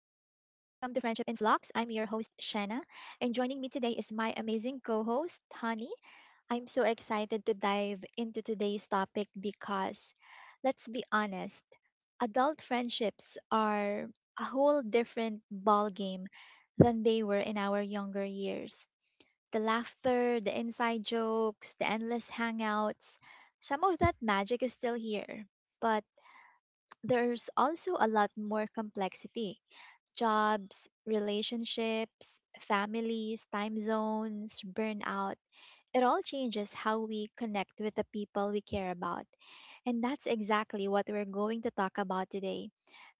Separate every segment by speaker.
Speaker 1: Flux. I'm your host, Shanna, and joining me today is my amazing co host, Honey. I'm so excited to dive into today's topic because, let's be honest, adult friendships are a whole different ballgame than they were in our younger years. The laughter, the inside jokes, the endless hangouts, some of that magic is still here, but there's also a lot more complexity jobs, relationships, families, time zones, burnout. It all changes how we connect with the people we care about. And that's exactly what we're going to talk about today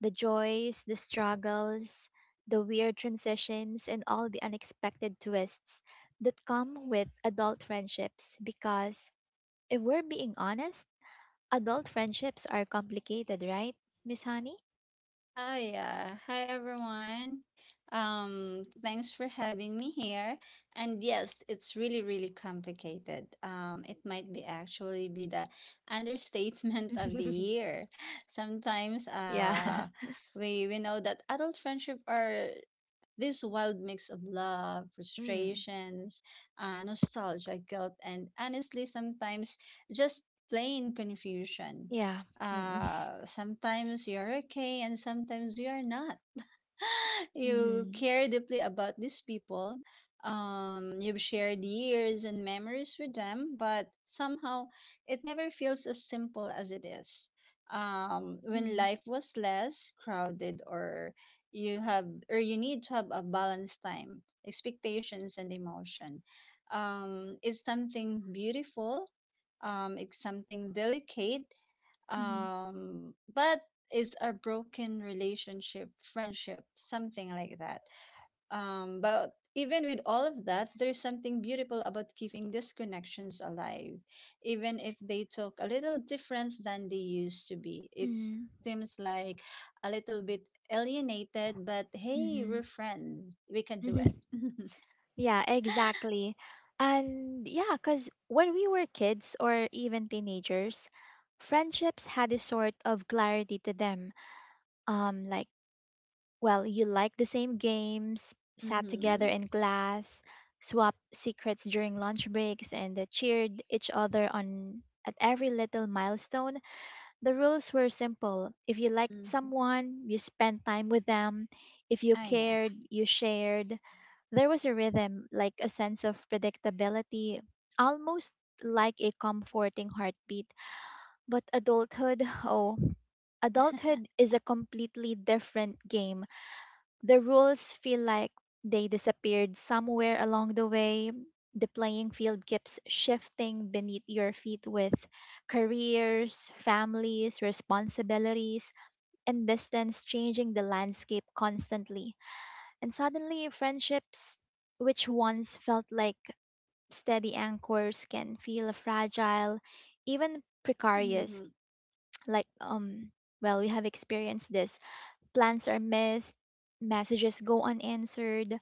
Speaker 1: the joys, the struggles, the weird transitions, and all the unexpected twists that come with adult friendships. Because if we're being honest, adult friendships are complicated, right, Miss Honey?
Speaker 2: Oh yeah. Hi everyone. Thanks for having me here. And yes, it's really, really complicated. It might be actually be the understatement of the year. Sometimes
Speaker 1: yeah.
Speaker 2: uh we we know that adult friendship are this wild mix of love,
Speaker 1: Mm.
Speaker 2: frustrations, nostalgia, guilt, and honestly, sometimes just plain confusion.
Speaker 1: Yeah. Mm.
Speaker 2: Sometimes you're okay, and sometimes you're not. You
Speaker 1: Mhm.
Speaker 2: care deeply about these people. You've shared years and memories with them, but somehow it never feels as simple as it is. When
Speaker 1: Mhm.
Speaker 2: life was less crowded, or you have, or you need to have a balanced time, expectations and emotion. It's something beautiful. It's something delicate,
Speaker 1: Mhm.
Speaker 2: but it's a broken relationship friendship something like that, but even with all of that, there's something beautiful about keeping these connections alive, even if they talk a little different than they used to be. It
Speaker 1: Mhm.
Speaker 2: seems like a little bit alienated, but
Speaker 1: Mhm.
Speaker 2: hey, we're
Speaker 1: Mhm.
Speaker 2: friends. We can do it.
Speaker 1: Yeah, exactly. And yeah, because when we were kids or even teenagers, friendships had a sort of clarity to them. Um, like, well, you like the same games, sat together
Speaker 2: Mm-hmm.
Speaker 1: in class, swapped secrets during lunch breaks, and cheered each other on at every little milestone. The rules were simple. If you liked
Speaker 2: Mm-hmm.
Speaker 1: someone, you spent time with them. If you
Speaker 2: Ah yeah.
Speaker 1: cared, you shared. There was a rhythm, like a sense of predictability, almost like a comforting heartbeat. But adulthood, oh, adulthood is a completely different game. The rules feel like they disappeared somewhere along the way. The playing field keeps shifting beneath your feet with careers, families, responsibilities, and distance changing the landscape constantly. And suddenly, friendships, which once felt like steady anchors, can feel fragile, even precarious.
Speaker 2: Mhm.
Speaker 1: Like, um, well, we have experienced this. Plans are missed, messages go unanswered,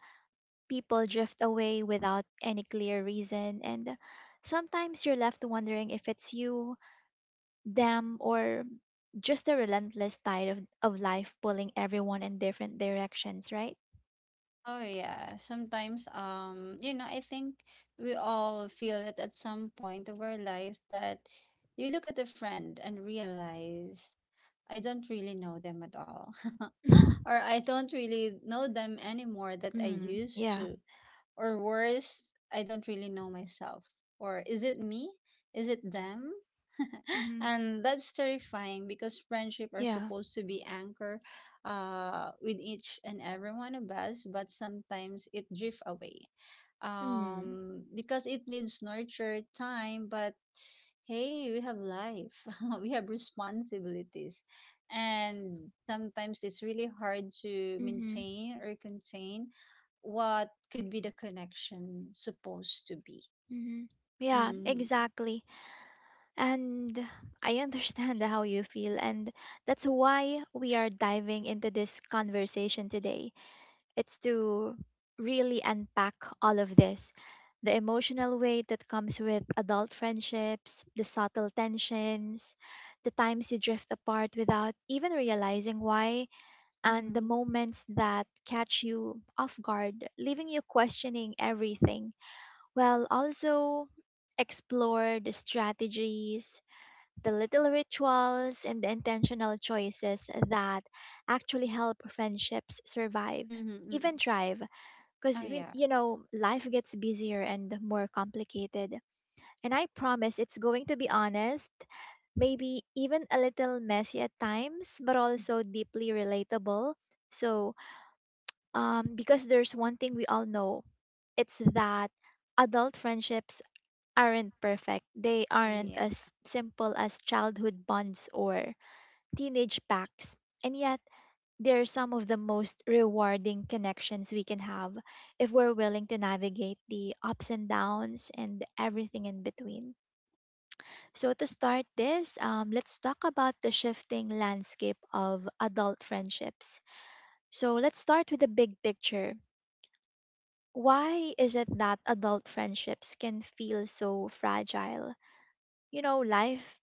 Speaker 1: people drift away without any clear reason, and sometimes you're left wondering if it's you, them, or just the relentless tide of life pulling everyone in different directions, right?
Speaker 2: Oh yeah, sometimes you know, I think we all feel it at some point of our life that you look at a friend and realize I don't really know them at all. Or I don't really know them anymore that I
Speaker 1: Mm,
Speaker 2: used
Speaker 1: yeah.
Speaker 2: to, or worse, I don't really know myself. Or is it me? Is it them?
Speaker 1: Mm-hmm.
Speaker 2: And that's terrifying, because friendship are
Speaker 1: Yeah.
Speaker 2: supposed to be anchor with each and every one of us, but sometimes it drift away,
Speaker 1: Mm,
Speaker 2: because it needs nurture time. But hey, we have life. We have responsibilities, and sometimes it's really hard to
Speaker 1: mm-hmm.
Speaker 2: maintain or contain what could be the connection supposed to be.
Speaker 1: Mm-hmm. Yeah,
Speaker 2: Mm-hmm.
Speaker 1: exactly. And I understand how you feel, and that's why we are diving into this conversation today. It's to really unpack all of this the emotional weight that comes with adult friendships, the subtle tensions, the times you drift apart without even realizing why, and the
Speaker 2: Mm-hmm.
Speaker 1: moments that catch you off guard, leaving you questioning everything, while also explore the strategies, the little rituals, and the intentional choices that actually help friendships survive,
Speaker 2: Mm-hmm. Mm-hmm.
Speaker 1: even thrive because
Speaker 2: Oh
Speaker 1: we
Speaker 2: yeah.
Speaker 1: life gets busier and more complicated, and I promise it's going to be honest, maybe even a little messy at times, but also deeply relatable. So, because there's one thing we all know, it's that adult friendships aren't perfect, they aren't as simple as childhood bonds or teenage packs, and yet they're some of the most rewarding connections we can have if we're willing to navigate the ups and downs and everything in between. So, to start this, let's talk about the shifting landscape of adult friendships. So, let's start with the big picture. Why is it that adult friendships can feel so fragile? You know, life,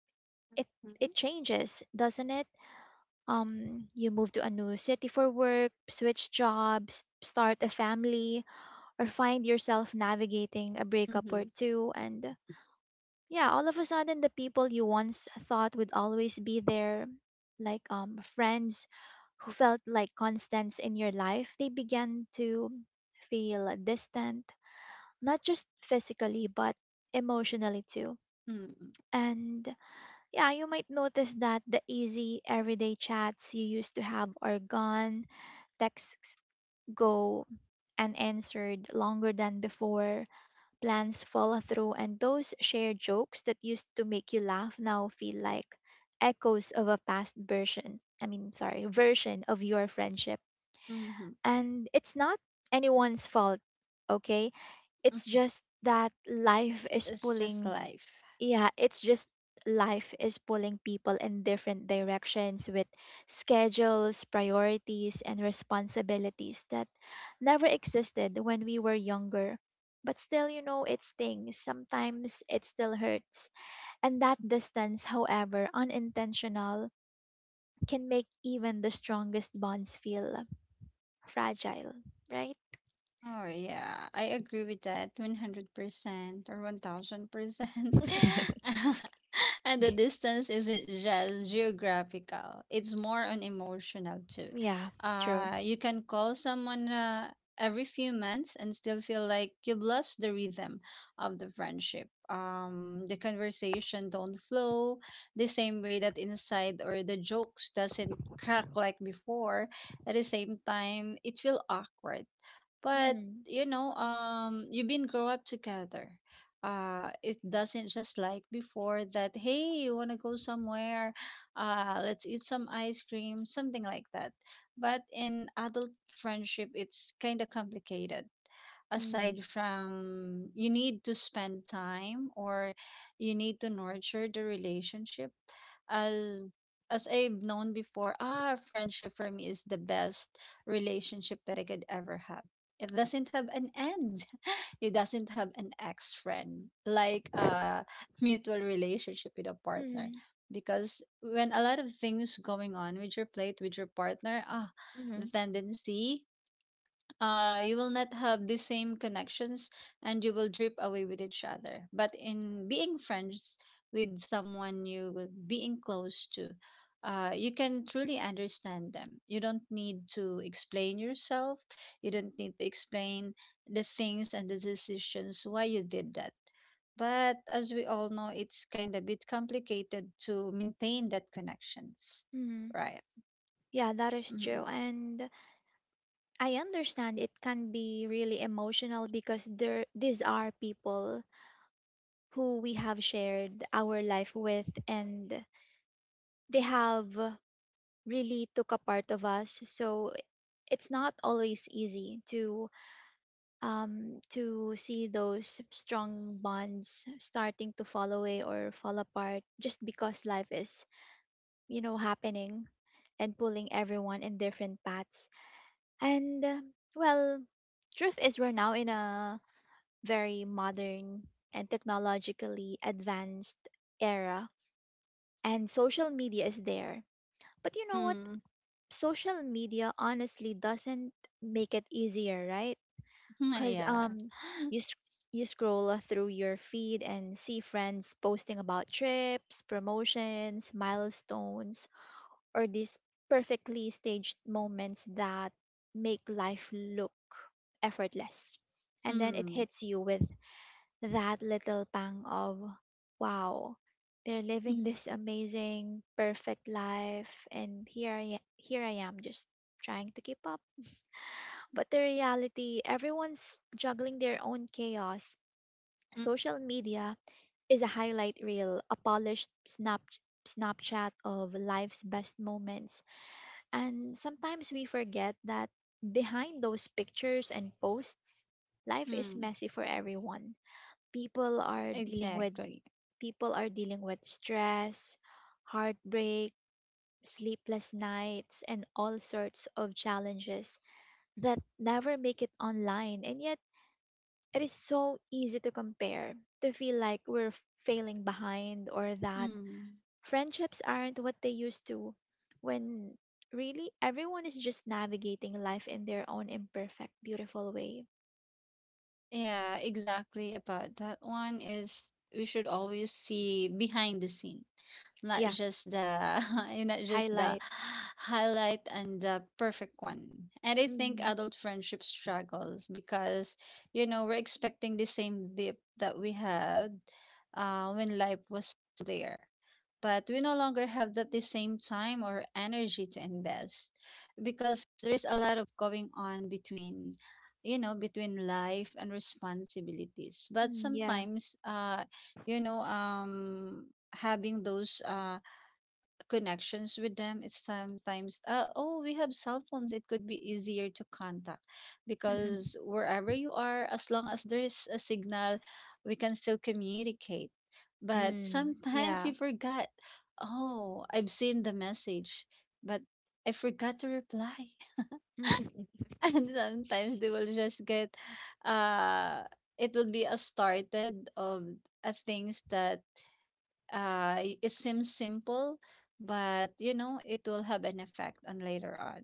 Speaker 1: it,
Speaker 2: Mm-hmm.
Speaker 1: it changes, doesn't it? Um, you move to a new city for work, switch jobs, start a family, or find yourself navigating a breakup or two. And yeah, all of a sudden the people you once thought would always be there, like friends who felt like constants in your life, they began to feel distant, not just physically but emotionally too.
Speaker 2: Mm-hmm.
Speaker 1: And yeah, you might notice that the easy everyday chats you used to have are gone. Texts go unanswered longer than before. Plans fall through, and those shared jokes that used to make you laugh now feel like echoes of a past version. I mean, sorry, version of your friendship.
Speaker 2: Mm-hmm.
Speaker 1: And it's not anyone's fault, okay? It's just that life is
Speaker 2: It's just
Speaker 1: pulling
Speaker 2: life.
Speaker 1: yeah, it's just life is pulling people in different directions with schedules, priorities, and responsibilities that never existed when we were younger. But still, you know, it stings. Sometimes it still hurts. And that distance, however unintentional, can make even the strongest bonds feel fragile, right?
Speaker 2: Oh yeah, I agree with that 100% or 1000%. And the distance isn't just geographical, it's more on emotional too.
Speaker 1: Yeah, true.
Speaker 2: You can call someone every few months and still feel like you've lost the rhythm of the friendship. The conversation don't flow the same way that inside, or the jokes doesn't crack like before. At the same time, it feel awkward, but
Speaker 1: Mm,
Speaker 2: you know, you've been grow up together. It doesn't just like before that. Hey, you wanna go somewhere? Let's eat some ice cream, something like that. But in adult friendship, it's kind of complicated
Speaker 1: mm,
Speaker 2: aside from you need to spend time, or you need to nurture the relationship as I've known before. Ah, friendship for me is the best relationship that I could ever have. It doesn't have an end. It doesn't have an ex friend, like a mutual relationship with a partner.
Speaker 1: mm,
Speaker 2: Because when a lot of things going on with your plate with your partner, ah, the
Speaker 1: mm,
Speaker 2: tendency, you will not have the same connections and you will drip away with each other. But in being friends with someone you will being close to, you can truly understand them. You don't need to explain yourself. You don't need to explain the things and the decisions why you did that. But as we all know, it's kind of bit complicated to maintain that connections,
Speaker 1: mm.
Speaker 2: right?
Speaker 1: Yeah, that is
Speaker 2: Mm-hmm.
Speaker 1: true. And I understand it can be really emotional because there these are people who we have shared our life with, and they have really took a part of us. So it's not always easy to see those strong bonds starting to fall away or fall apart just because life is, you know, happening and pulling everyone in different paths. And well, truth is we're now in a very modern and technologically advanced era, and social media is there. But you know what?
Speaker 2: Mm.
Speaker 1: Social media honestly doesn't make it easier, right? Because
Speaker 2: Yeah.
Speaker 1: you sc- you scroll through your feed and see friends posting about trips, promotions, milestones, or these perfectly staged moments that make life look effortless. And then it
Speaker 2: Mm.
Speaker 1: hits you with that little pang of, wow, they're living this amazing, perfect life, and here I am just trying to keep up. But the reality, everyone's juggling their own chaos.
Speaker 2: Mm,
Speaker 1: Social media is a highlight reel, a polished snap, Snapchat of life's best moments. And sometimes we forget that behind those pictures and posts, life is
Speaker 2: mm,
Speaker 1: messy for everyone. People are dealing with
Speaker 2: exactly.
Speaker 1: People are dealing with stress, heartbreak, sleepless nights, and all sorts of challenges that never make it online. And yet, it is so easy to compare, to feel like we're failing behind or that
Speaker 2: Mm.
Speaker 1: friendships aren't what they used to when really everyone is just navigating life in their own imperfect, beautiful way.
Speaker 2: Yeah, exactly about that one is we should always see behind the scene, not
Speaker 1: Yeah,
Speaker 2: just the and not just the
Speaker 1: highlight.
Speaker 2: highlight and the perfect one. And I think
Speaker 1: Mm,
Speaker 2: adult friendship struggles because you know, we're expecting the same dip that we had when life was there. But we no longer have that the same time or energy to invest because there is a lot of going on between, you know, between life and responsibilities. But
Speaker 1: mm, yeah.
Speaker 2: sometimes you know, having those connections with them, it's sometimes oh, we have cell phones, it could be easier to contact because wherever you are, as long as there is a signal, we can still communicate. But
Speaker 1: mm,
Speaker 2: sometimes
Speaker 1: yeah.
Speaker 2: you forgot, oh, I've seen the message, but I forgot to reply. And sometimes they will just get uh it will be a started of things that it seems simple, but you know, it will have an effect on later on.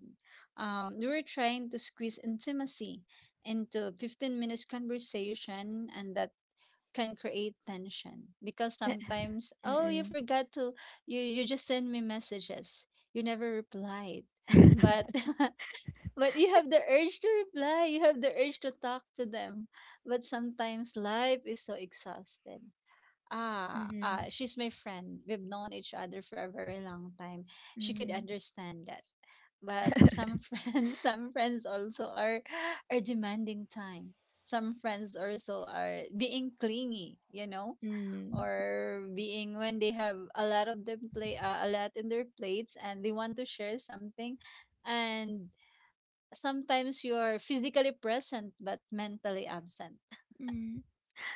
Speaker 2: We were trying to squeeze intimacy into a 15-minute minutes conversation, and that can create tension because sometimes, oh, you
Speaker 1: Mm-mm.
Speaker 2: forgot to you just send me messages, you never replied. But but you have the urge to reply, you have the urge to talk to them. But sometimes life is so exhausted. Ah,
Speaker 1: Mm-hmm.
Speaker 2: she's my friend. We've known each other for a very long time. She could
Speaker 1: Mm-hmm.
Speaker 2: understand that. But some friends, some friends also are demanding time. Some friends also are being clingy, you know,
Speaker 1: Mm.
Speaker 2: or being when they have a lot of them play a lot in their plates and they want to share something, and sometimes you are physically present but mentally absent.
Speaker 1: Mm.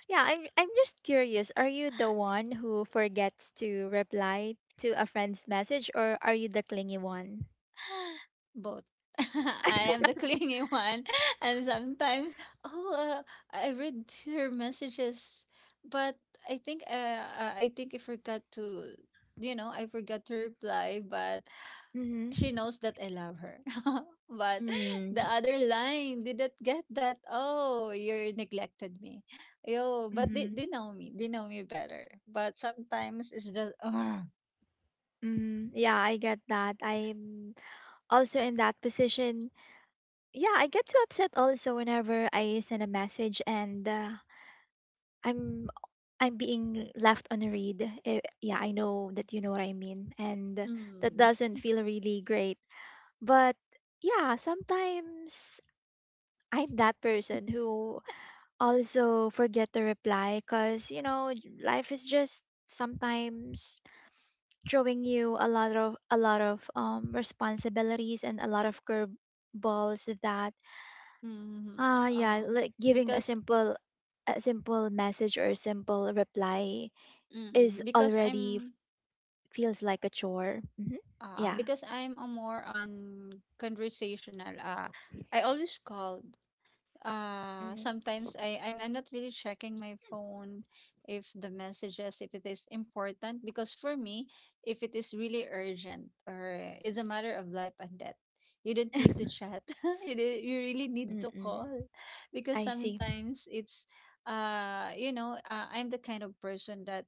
Speaker 1: Yeah, I'm just curious. Are you the one who forgets to reply to a friend's message, or are you the clingy one?
Speaker 2: Both. I am the clingy one, and sometimes, oh, I read her messages, but I think, I think I forgot to, you know, I forgot to reply. But
Speaker 1: Mm-hmm.
Speaker 2: she knows that I love her. But the
Speaker 1: Mm.
Speaker 2: other line didn't get that. Oh, you neglected me. Yo, but
Speaker 1: Mm-hmm.
Speaker 2: they know me. They know me better. But sometimes it's just, oh,
Speaker 1: Mm-hmm. Yeah, I get that. I'm also in that position. Yeah, I get too upset also whenever I send a message and I'm I'm being left unread. Eh, yeah, I know that you know what I mean, and that
Speaker 2: mm,
Speaker 1: doesn't feel really great. But yeah, sometimes I'm that person who also forget to reply because you know life is just sometimes throwing you a lot of responsibilities and a lot of curveballs that
Speaker 2: mm,
Speaker 1: yeah
Speaker 2: oh,
Speaker 1: like giving
Speaker 2: because,
Speaker 1: a simple message or a simple reply is
Speaker 2: Mm, because
Speaker 1: already f-
Speaker 2: I'm
Speaker 1: feels like a chore. Hmm Yeah.
Speaker 2: because I'm a more on conversational. I always call.
Speaker 1: hmm
Speaker 2: Sometimes I'm not really checking my phone if the messages if it is important, because for me if it is really urgent or is a matter of life and death, you don't need to chat. You you really need to
Speaker 1: Mm-mm.
Speaker 2: call, because
Speaker 1: I see.
Speaker 2: sometimes it's you know, I'm the kind of person that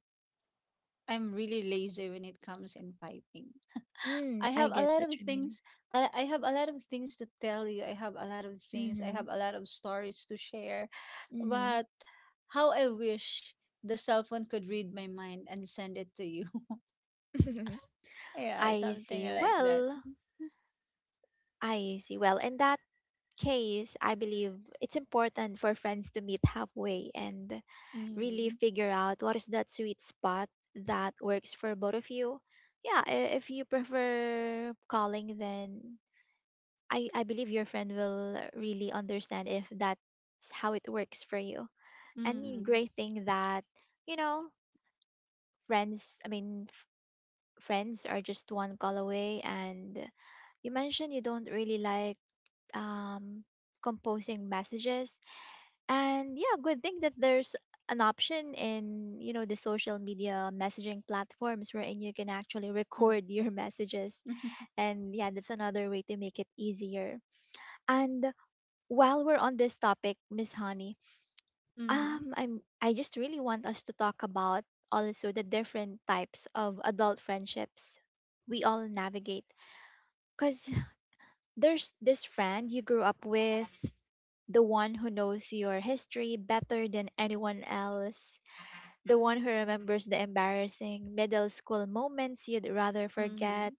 Speaker 2: I'm really lazy when it comes in typing. I
Speaker 1: Mm, I
Speaker 2: have a
Speaker 1: get
Speaker 2: lot
Speaker 1: what
Speaker 2: of
Speaker 1: you
Speaker 2: things.
Speaker 1: mean.
Speaker 2: I have a lot of things to tell you. I have a lot of things. I
Speaker 1: Mm-hmm.
Speaker 2: have a lot of stories to share.
Speaker 1: Mm-hmm.
Speaker 2: But how I wish the cell phone could read my mind and send it to you. Yeah,
Speaker 1: I
Speaker 2: something
Speaker 1: see.
Speaker 2: like that.
Speaker 1: Well, I see. Well, in that case, I believe it's important for friends to meet halfway and really
Speaker 2: Mm-hmm.
Speaker 1: figure out what is that sweet spot that works for both of you. Yeah, if you prefer calling, then I believe your friend will really understand if that's how it works for you. And the
Speaker 2: Mm-hmm.
Speaker 1: great thing that, you know, friends, I mean, friends are just one call away. And you mentioned you don't really like um, composing messages, and yeah, good thing that there's an option in you know the social media messaging platforms wherein you can actually record your messages. And yeah, that's another way to make it easier. And while we're on this topic, Miss Honey,
Speaker 2: Mm-hmm.
Speaker 1: I'm I just really want us to talk about also the different types of adult friendships we all navigate, because there's this friend you grew up with, the one who knows your history better than anyone else, the one who remembers the embarrassing middle school moments you'd rather forget.
Speaker 2: Mm-hmm.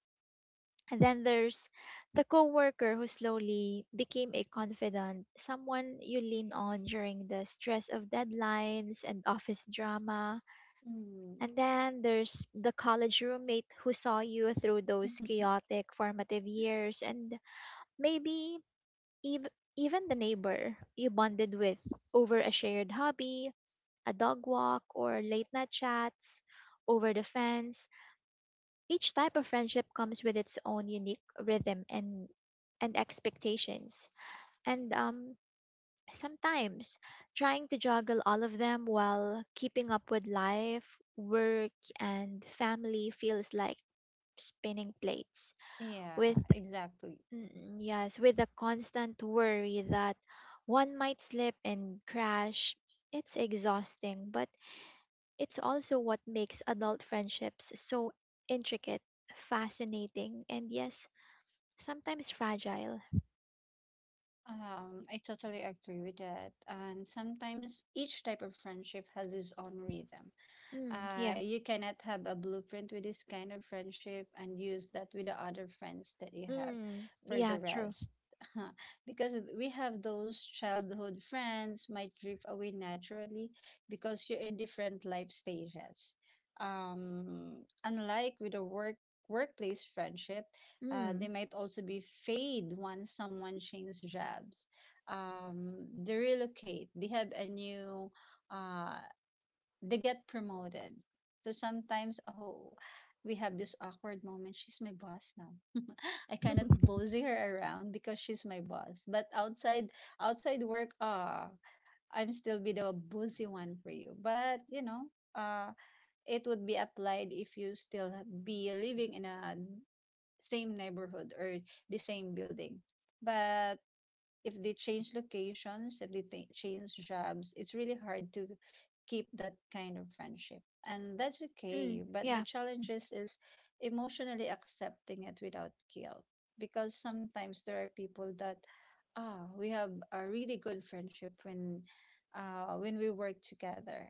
Speaker 1: And then there's the coworker who slowly became a confidant, someone you lean on during the stress of deadlines and office drama.
Speaker 2: Mm-hmm.
Speaker 1: And then there's the college roommate who saw you through those chaotic formative years, and maybe even the neighbor you bonded with over a shared hobby, a dog walk, or late night chats over the fence. Each type of friendship comes with its own unique rhythm and expectations. And sometimes trying to juggle all of them while keeping up with life, work, and family feels like spinning plates
Speaker 2: Yeah,
Speaker 1: with
Speaker 2: exactly.
Speaker 1: Mm, yes, with the constant worry that one might slip and crash, it's exhausting, but it's also what makes adult friendships so intricate, fascinating, and yes, sometimes fragile.
Speaker 2: I totally agree with that. And sometimes each type of friendship has its own rhythm.
Speaker 1: Mm, yeah.
Speaker 2: You cannot have a blueprint with this kind of friendship and use that with the other friends that you have
Speaker 1: Mm,
Speaker 2: for
Speaker 1: yeah,
Speaker 2: the
Speaker 1: true.
Speaker 2: rest. Because we have those childhood friends might drift away naturally because you're in different life stages. Um, Unlike with a workplace friendship, they
Speaker 1: Mm.
Speaker 2: might also be fade once someone changes jobs. They relocate. They have a new uh, they get promoted. So sometimes, oh, we have this awkward moment. She's my boss now. I cannot bossy her around because she's my boss. But outside work, ah, I'm still be the bossy one for you. But you know, uh, it would be applied if you still be living in a same neighborhood or the same building. But if they change locations, if they ta change jobs, it's really hard to keep that kind of friendship. And that's
Speaker 1: Mm,
Speaker 2: okay. But the
Speaker 1: yeah.
Speaker 2: challenge is, emotionally accepting it without guilt. Because sometimes there are people that, ah, we have a really good friendship when we work together.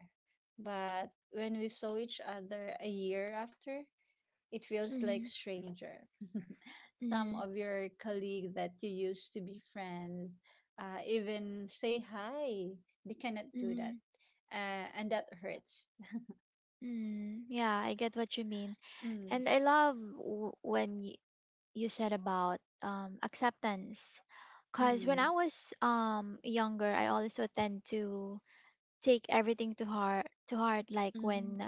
Speaker 2: But when we saw each other a year after, it feels like
Speaker 1: Mm,
Speaker 2: stranger, some
Speaker 1: mm,
Speaker 2: of your colleagues that you used to be friends, even say hi. They cannot do that.
Speaker 1: mm,
Speaker 2: And that hurts.
Speaker 1: mm. Yeah, I get what you mean.
Speaker 2: Mm,
Speaker 1: And I love w when y you said about acceptance, because when
Speaker 2: mm,
Speaker 1: I was younger, I also tend to take everything to heart, like when
Speaker 2: mm.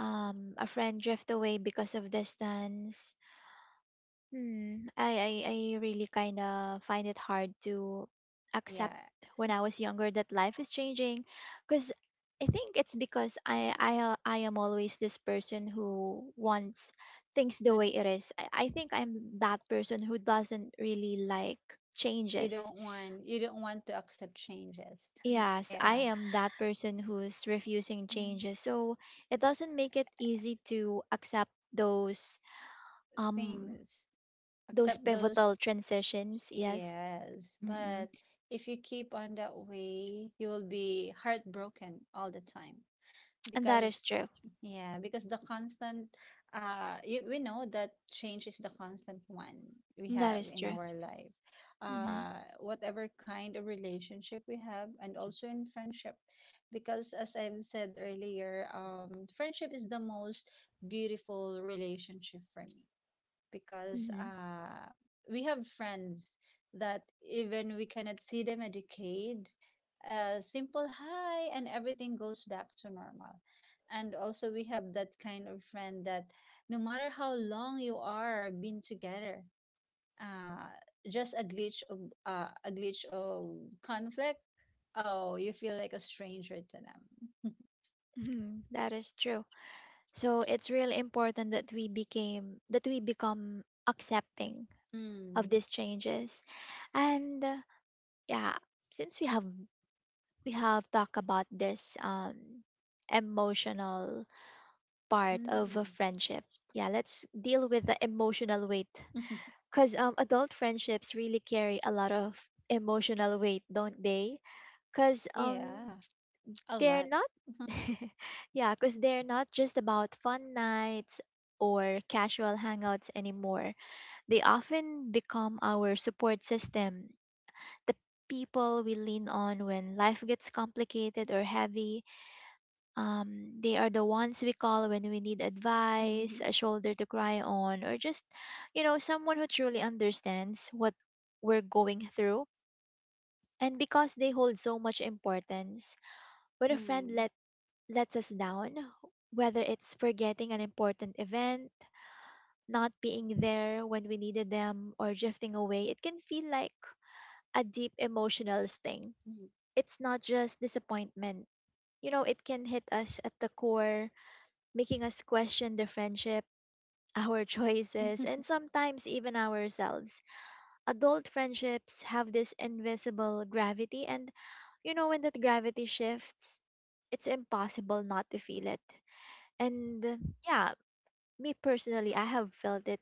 Speaker 1: a friend drift away because of distance. Hmm, I really kind of find it hard to accept
Speaker 2: Yeah.
Speaker 1: when I was younger that life is changing. Because I think it's because I am always this person who wants things the
Speaker 2: So
Speaker 1: way it is. I think I'm that person who doesn't really like
Speaker 2: you
Speaker 1: changes.
Speaker 2: don't want, you don't want to accept changes.
Speaker 1: Yes, I
Speaker 2: Yeah.
Speaker 1: am that person who's refusing
Speaker 2: Mm.
Speaker 1: changes. So it doesn't make it easy to accept um
Speaker 2: Things.
Speaker 1: those
Speaker 2: Accept those,
Speaker 1: pivotal transitions. Yes.
Speaker 2: yes.
Speaker 1: Mm-mm.
Speaker 2: But if you keep on that way, you will be heartbroken all the time.
Speaker 1: And that is
Speaker 2: Because
Speaker 1: true.
Speaker 2: yeah, because the constant you, we know that change is the constant one we
Speaker 1: That
Speaker 2: have
Speaker 1: is
Speaker 2: in
Speaker 1: true.
Speaker 2: our life,
Speaker 1: Mm-hmm.
Speaker 2: whatever kind of relationship we have, and also in friendship. Because as I've said earlier, friendship is the most beautiful relationship for me, because
Speaker 1: Mm-hmm.
Speaker 2: we have friends that even we cannot see them a decade, a simple hi and everything goes back to normal. And also we have that kind of friend that no matter how long you are been together, uh, just a glitch of a glitch of conflict, oh, you feel like a stranger to
Speaker 1: That is true. So it's really important that we became that we become accepting of
Speaker 2: them.
Speaker 1: these changes. And yeah, since we have talked about this emotional part of a
Speaker 2: Mm.
Speaker 1: friendship. Yeah, let's deal with the emotional weight.
Speaker 2: Mm.
Speaker 1: Because adult friendships really carry a lot of emotional weight, don't they? Because
Speaker 2: Yeah, a
Speaker 1: they're
Speaker 2: lot.
Speaker 1: not, yeah, because they're not just about fun nights or casual hangouts anymore. They often become our support system, the people we lean on when life gets complicated or heavy. They are the ones we call when we need advice,
Speaker 2: Mm-hmm.
Speaker 1: a shoulder to cry on, or just, you know, someone who truly understands what we're going through. And because they hold so much importance, when
Speaker 2: Mm-hmm.
Speaker 1: lets us down, whether it's forgetting an important event, not being there when we needed them, or drifting away, it can feel like a deep emotional sting. It's not just disappointment. You know, it can hit us at the core, making us question the friendship, our choices, and sometimes even ourselves. Adult friendships have this invisible gravity, and you know, when that gravity shifts, it's impossible not to feel it. And yeah, me personally, I have felt it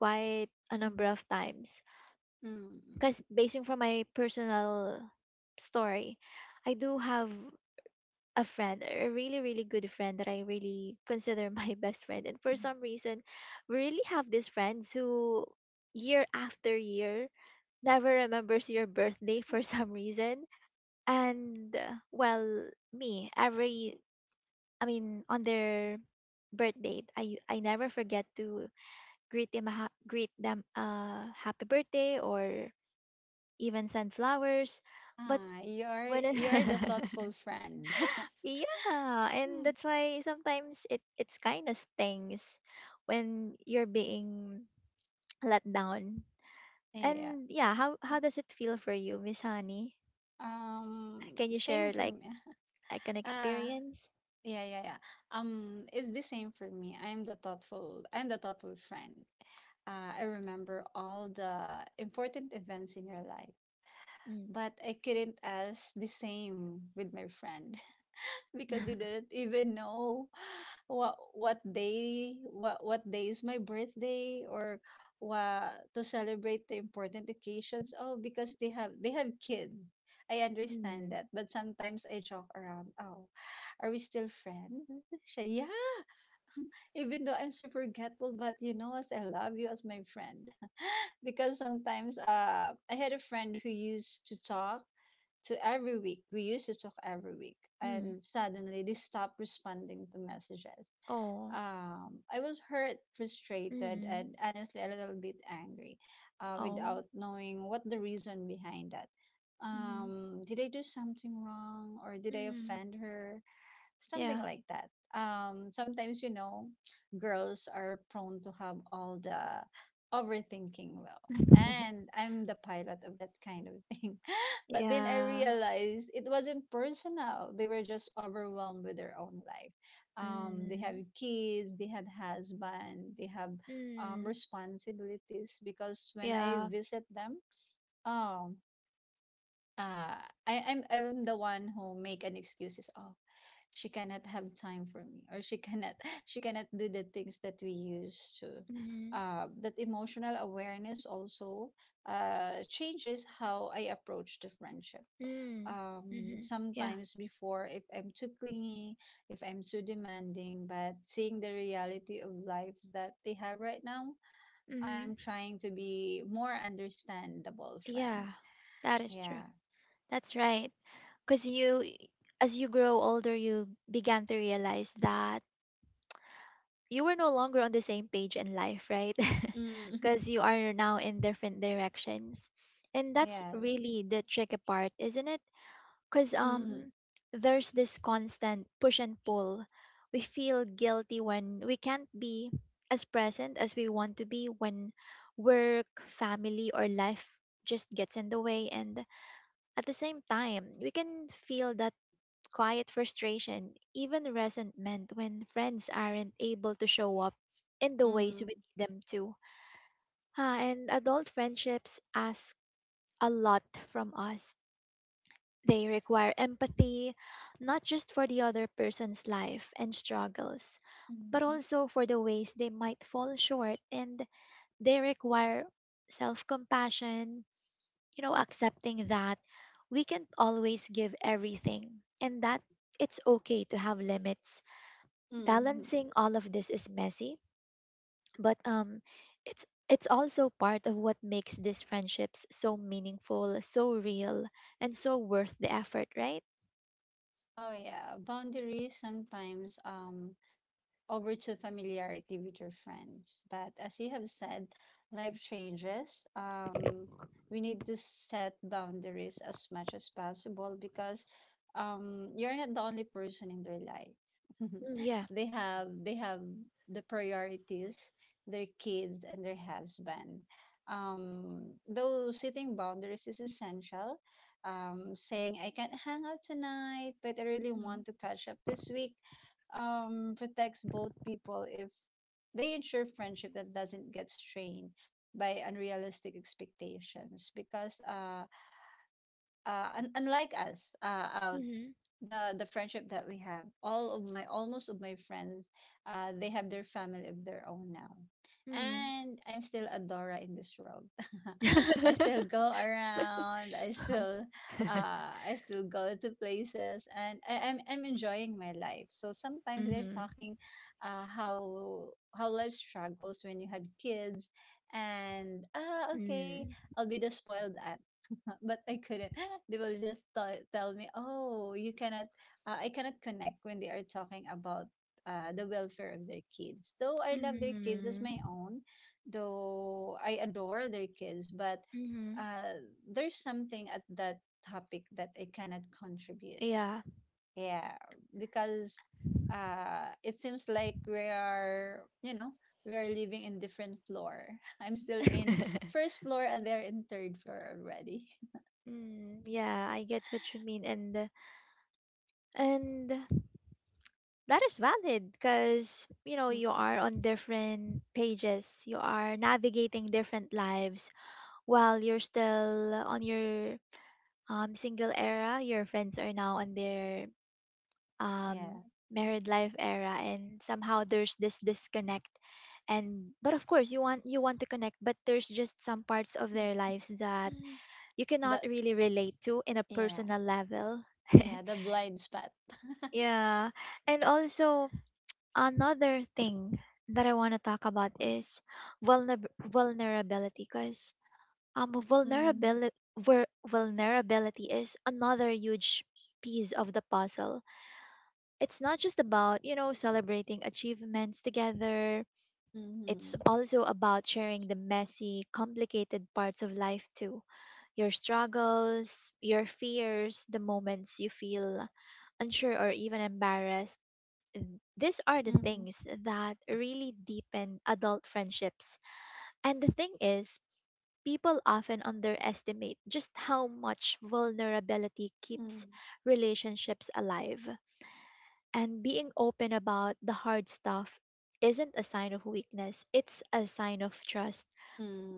Speaker 1: quite a number of times.
Speaker 2: Mm.
Speaker 1: Because basing from my personal story, I do have a friend, a really, really good friend that I really consider my best friend. And for
Speaker 2: Mm.
Speaker 1: some reason, we really have these friends who year after year never remembers your birthday for some reason. And well, me, every, I mean, on their birthday, I never forget to greet them, greet them happy birthday or even send flowers. But
Speaker 2: Ah, you're
Speaker 1: when it
Speaker 2: the thoughtful friend.
Speaker 1: yeah, and
Speaker 2: Mm.
Speaker 1: that's why sometimes it's kind of stings when you're being let down.
Speaker 2: Yeah.
Speaker 1: And yeah, how does it feel for you, Miss Honey?
Speaker 2: Um,
Speaker 1: Can you
Speaker 2: Same
Speaker 1: share
Speaker 2: for me.
Speaker 1: like an
Speaker 2: Uh,
Speaker 1: experience?
Speaker 2: yeah, yeah, yeah. It's the same for me. I'm the thoughtful friend. I remember all the important events in your life,
Speaker 1: Mm,
Speaker 2: but I couldn't ask the same with my friend because they didn't even know what day is my birthday or what to celebrate the important occasions. Oh, because they have kids. I understand
Speaker 1: mm,
Speaker 2: that, but sometimes I joke around, oh, are we still friends, Siya? Yeah, even though I'm super forgetful, but you know, as I love you as my friend. Because sometimes I had a friend who used to talk to every week. We used to talk every week
Speaker 1: mm.
Speaker 2: and suddenly they stopped responding to messages.
Speaker 1: Oh,
Speaker 2: I was hurt, frustrated,
Speaker 1: mm,
Speaker 2: and honestly a little bit angry,
Speaker 1: oh,
Speaker 2: without knowing what the reason behind that.
Speaker 1: mm,
Speaker 2: Did I do something wrong, or did I
Speaker 1: mm.
Speaker 2: offend her? Something
Speaker 1: Yeah,
Speaker 2: like that. Sometimes, you know, girls are prone to have all the overthinking. Well, and I'm the pilot of that kind of thing. But then I
Speaker 1: yeah,
Speaker 2: realized it wasn't personal. They were just overwhelmed with their own life. They have
Speaker 1: mm,
Speaker 2: kids, they have husband, they have
Speaker 1: mm,
Speaker 2: responsibilities. Because when I
Speaker 1: yeah,
Speaker 2: visit them, oh, uh, I'm the one who make an excuses. Oh, she cannot have time for me, or she cannot she cannot do the things that we used to.
Speaker 1: mm,
Speaker 2: That emotional awareness also changes how I approach the friendship.
Speaker 1: mm, mm, yeah,
Speaker 2: Sometimes before, if I'm too clingy, if I'm too demanding, but seeing the reality of life that they have right now,
Speaker 1: mm,
Speaker 2: I'm trying to be more understandable friend.
Speaker 1: yeah. That is true.
Speaker 2: Yeah.
Speaker 1: That's right. Because you, as you grow older, you began to realize that you were no longer on the same page in life, right? Because
Speaker 2: Mm.
Speaker 1: you are now in different directions. And that's
Speaker 2: Yes.
Speaker 1: really the tricky part, isn't it? Because
Speaker 2: Mm.
Speaker 1: there's this constant push and pull. We feel guilty when we can't be as present as we want to be when work, family, or life just gets in the way. And at the same time, we can feel that quiet frustration, even resentment when friends aren't able to show up in the ways
Speaker 2: Mm.
Speaker 1: we need them to. And adult friendships ask a lot from us. They require empathy, not just for the other person's life and struggles, but
Speaker 2: Mhm.
Speaker 1: also for the ways they might fall short, and they require self compassion, you know, accepting that we can't always give everything and that it's okay to have limits.
Speaker 2: Mm.
Speaker 1: Balancing all of this is messy, but it's also part of what makes these friendships so meaningful, so real, and so worth the effort, right?
Speaker 2: Oh yeah, boundaries sometimes over to familiarity with your friends. But as you have said, life changes. We need to set boundaries as much as possible because you're not the only person in their life.
Speaker 1: Mm, yeah.
Speaker 2: They have the priorities, their kids and their husband. Though setting boundaries is essential, saying I can't hang out tonight, but I really want to catch up this week, protects both people if they ensure friendship that doesn't get strained by unrealistic expectations. Because unlike us, out
Speaker 1: Mm-hmm.
Speaker 2: the friendship that we have, all of my almost of my friends, they have their family of their own now,
Speaker 1: Mm-hmm.
Speaker 2: and I'm still a dora in this world. I still go around, I still I still go to places, and I'm enjoying my life. So sometimes they're
Speaker 1: Mm-hmm.
Speaker 2: talking uh how how life struggles when you have kids. And ah, okay,
Speaker 1: Mm-hmm.
Speaker 2: I'll be the spoiled. But I couldn't. They will just tell me, "Oh, you cannot. I cannot connect when they are talking about the welfare of their kids. Though I love their kids as my
Speaker 1: Mm-hmm.
Speaker 2: own, though I adore their kids, but
Speaker 1: Mm-hmm.
Speaker 2: uh, there's something at that topic that I cannot contribute.
Speaker 1: Yeah.
Speaker 2: Yeah, because it seems like we are, you know, we are living in different floor. I'm still in first floor and they're in third floor already.
Speaker 1: Mm, yeah, I get what you mean. And and that is valid because, you know, you are on different pages, you are navigating different lives while you're still on your single era. Your friends are now on their
Speaker 2: Yeah.
Speaker 1: um, married life era, and somehow there's this disconnect. And but of course, you want to connect, but there's just some parts of their lives that you cannot
Speaker 2: The
Speaker 1: really relate to in a
Speaker 2: yeah,
Speaker 1: personal level.
Speaker 2: yeah, the blind spot.
Speaker 1: Yeah, and also another thing that I want to talk about is vulnerability, because um
Speaker 2: Mm-hmm.
Speaker 1: vulnerability vulnerability is another huge piece of the puzzle. It's not just about, you know, celebrating achievements together. It's
Speaker 2: Mm-hmm.
Speaker 1: also about sharing the messy, complicated parts of life too, your struggles, your fears, the moments you feel unsure or even embarrassed. Mm, these are the
Speaker 2: Mm-hmm.
Speaker 1: things that really deepen adult friendships. And the thing is, people often underestimate just how much vulnerability
Speaker 2: Mm-hmm.
Speaker 1: keeps relationships alive. And being open about the hard stuff isn't a sign of weakness, it's a sign of trust.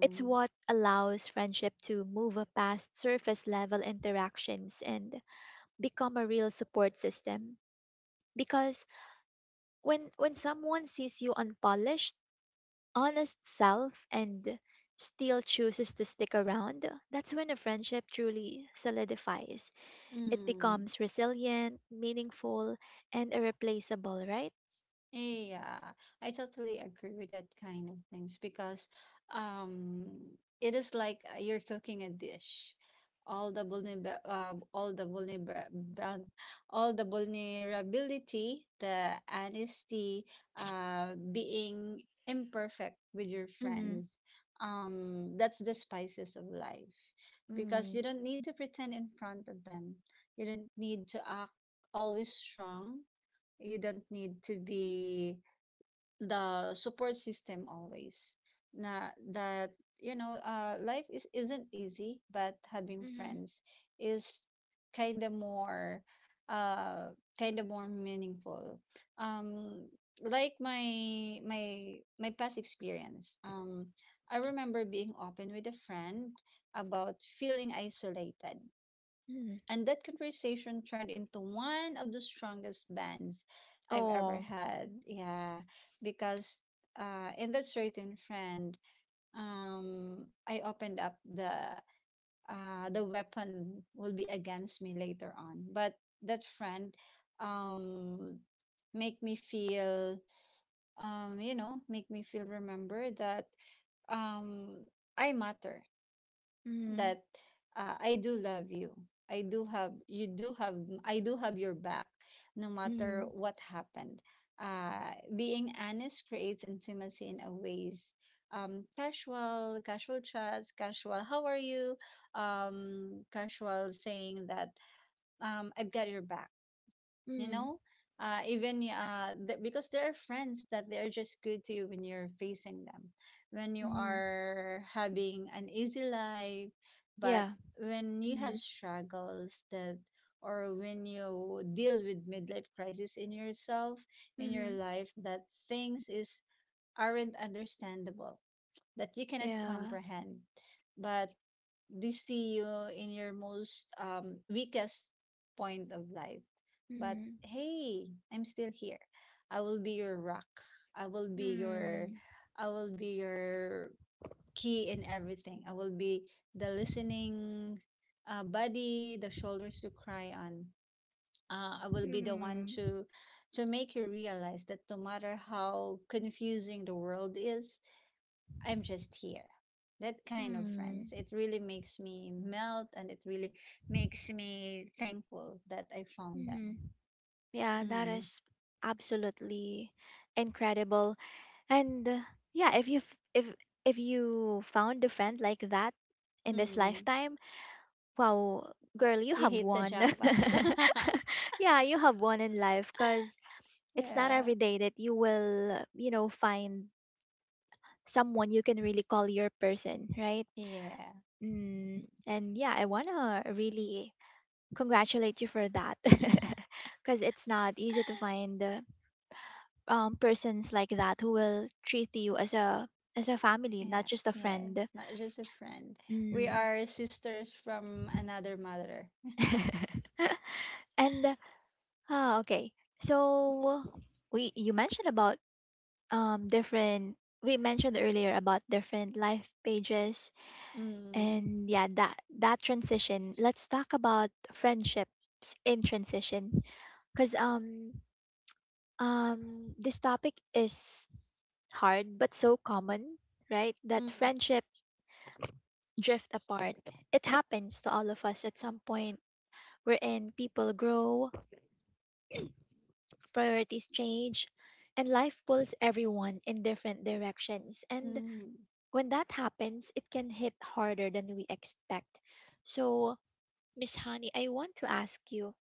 Speaker 1: It's what allows friendship to move past surface level interactions and become a real support system. Because when someone sees you unpolished, honest self and still chooses to stick around, that's when a friendship truly solidifies. It
Speaker 2: Mm-hmm.
Speaker 1: becomes resilient, meaningful, and irreplaceable, right?
Speaker 2: Yeah, I totally agree with that kind of things because um it is like you're cooking a dish. All the vulnerab, uh, all the vulnerab, all the vulnerability, the honesty, being imperfect with your
Speaker 1: Mm-hmm.
Speaker 2: friends. That's the spices of life because
Speaker 1: Mm.
Speaker 2: you don't need to pretend in front of them. You don't need to act always strong, you don't need to be the support system always. Na, that, you know, life is isn't easy, but having
Speaker 1: Hmm. Mm.
Speaker 2: friends is kind of more uh kind of more meaningful. um like my past experience, I remember being open with a friend about feeling isolated,
Speaker 1: Mm-hmm.
Speaker 2: and that conversation turned into one of the strongest bands I've ever
Speaker 1: Oh.
Speaker 2: had. Yeah, because in that certain friend, I opened up the weapon will be against me later on. But that friend um, make me feel, you know, make me feel remember that um, I matter,
Speaker 1: Hmm.
Speaker 2: that I do love you. I do have you do have I do have your back no matter
Speaker 1: Mm-hmm.
Speaker 2: what happened. Being honest creates intimacy in a ways, casual, casual chats, casual how are you, casual saying that I've got your back, you
Speaker 1: Mm-hmm.
Speaker 2: know. Because there are friends that they are just good to you when you're facing them, when you
Speaker 1: Mm-hmm.
Speaker 2: are having an easy life, but
Speaker 1: Yeah.
Speaker 2: when you have
Speaker 1: Mm-hmm.
Speaker 2: struggles that, or when you deal with midlife crisis in yourself, in your
Speaker 1: Mm-hmm.
Speaker 2: life, that things is aren't understandable, that you cannot
Speaker 1: Yeah.
Speaker 2: comprehend, but they see you in your most weakest point of life. But
Speaker 1: Mm-hmm.
Speaker 2: hey, I'm still here. I will be your rock. I will be your
Speaker 1: Mm-hmm.
Speaker 2: I will be your key in everything. I will be the listening body, the shoulders to cry on. I will be the one to make you realize that no matter how confusing the world is, I'm just here. That kind of friends.
Speaker 1: Mm-hmm.
Speaker 2: It really makes me melt, and it really makes me thankful that I found
Speaker 1: Mm-hmm. Yeah, that
Speaker 2: them.
Speaker 1: is absolutely incredible. And yeah, if you found a friend like that in
Speaker 2: Mm.
Speaker 1: this
Speaker 2: Mm.
Speaker 1: lifetime, wow, girl, you
Speaker 2: You
Speaker 1: have
Speaker 2: hit the
Speaker 1: one.
Speaker 2: jackpot.
Speaker 1: Yeah, you have one in life, because it's not
Speaker 2: Yeah.
Speaker 1: every day that you will, you know, find someone you can really call your person, right?
Speaker 2: Yeah.
Speaker 1: Mm, and yeah, I wanna really congratulate you for that, because it's not easy to find persons like that who will treat you as a family, not
Speaker 2: Yeah.
Speaker 1: just a
Speaker 2: Yeah.
Speaker 1: friend.
Speaker 2: Not just a friend. We
Speaker 1: Mm.
Speaker 2: are sisters from another mother.
Speaker 1: And okay. So we you mentioned about different we mentioned earlier about different life pages,
Speaker 2: Mm.
Speaker 1: and yeah, that that transition. Let's talk about friendships in transition, because this topic is hard but so common, right? That
Speaker 2: Mm.
Speaker 1: friendship drift apart. It happens to all of us at some point, wherein people grow, priorities change, and life pulls everyone in different directions. And
Speaker 2: Mm.
Speaker 1: when that happens, it can hit harder than we expect. So, Miss Honey, I want to ask you,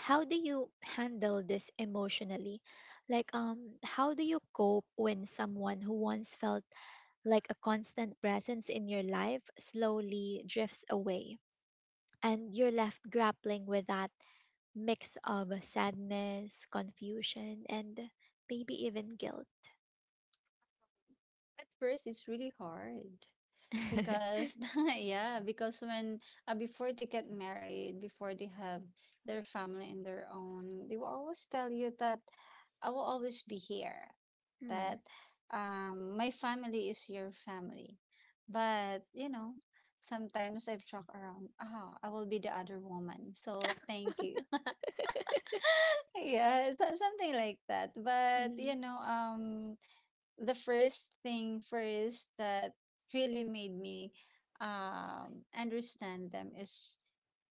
Speaker 1: how do you handle this emotionally? Like, how do you cope when someone who once felt like a constant presence in your life slowly drifts away and you're left grappling with that mix of sadness, confusion, and maybe even guilt.
Speaker 2: At first, it's really hard. Because yeah, because when before they get married, before they have their family and their own, they will always tell you that I will always be here,
Speaker 1: Hmm.
Speaker 2: that my family is your family. But you know, sometimes I've talked around, oh, I will be the other woman. So thank you. Yeah, something like that. But you
Speaker 1: Mm,
Speaker 2: know, the first thing first that really made me understand them is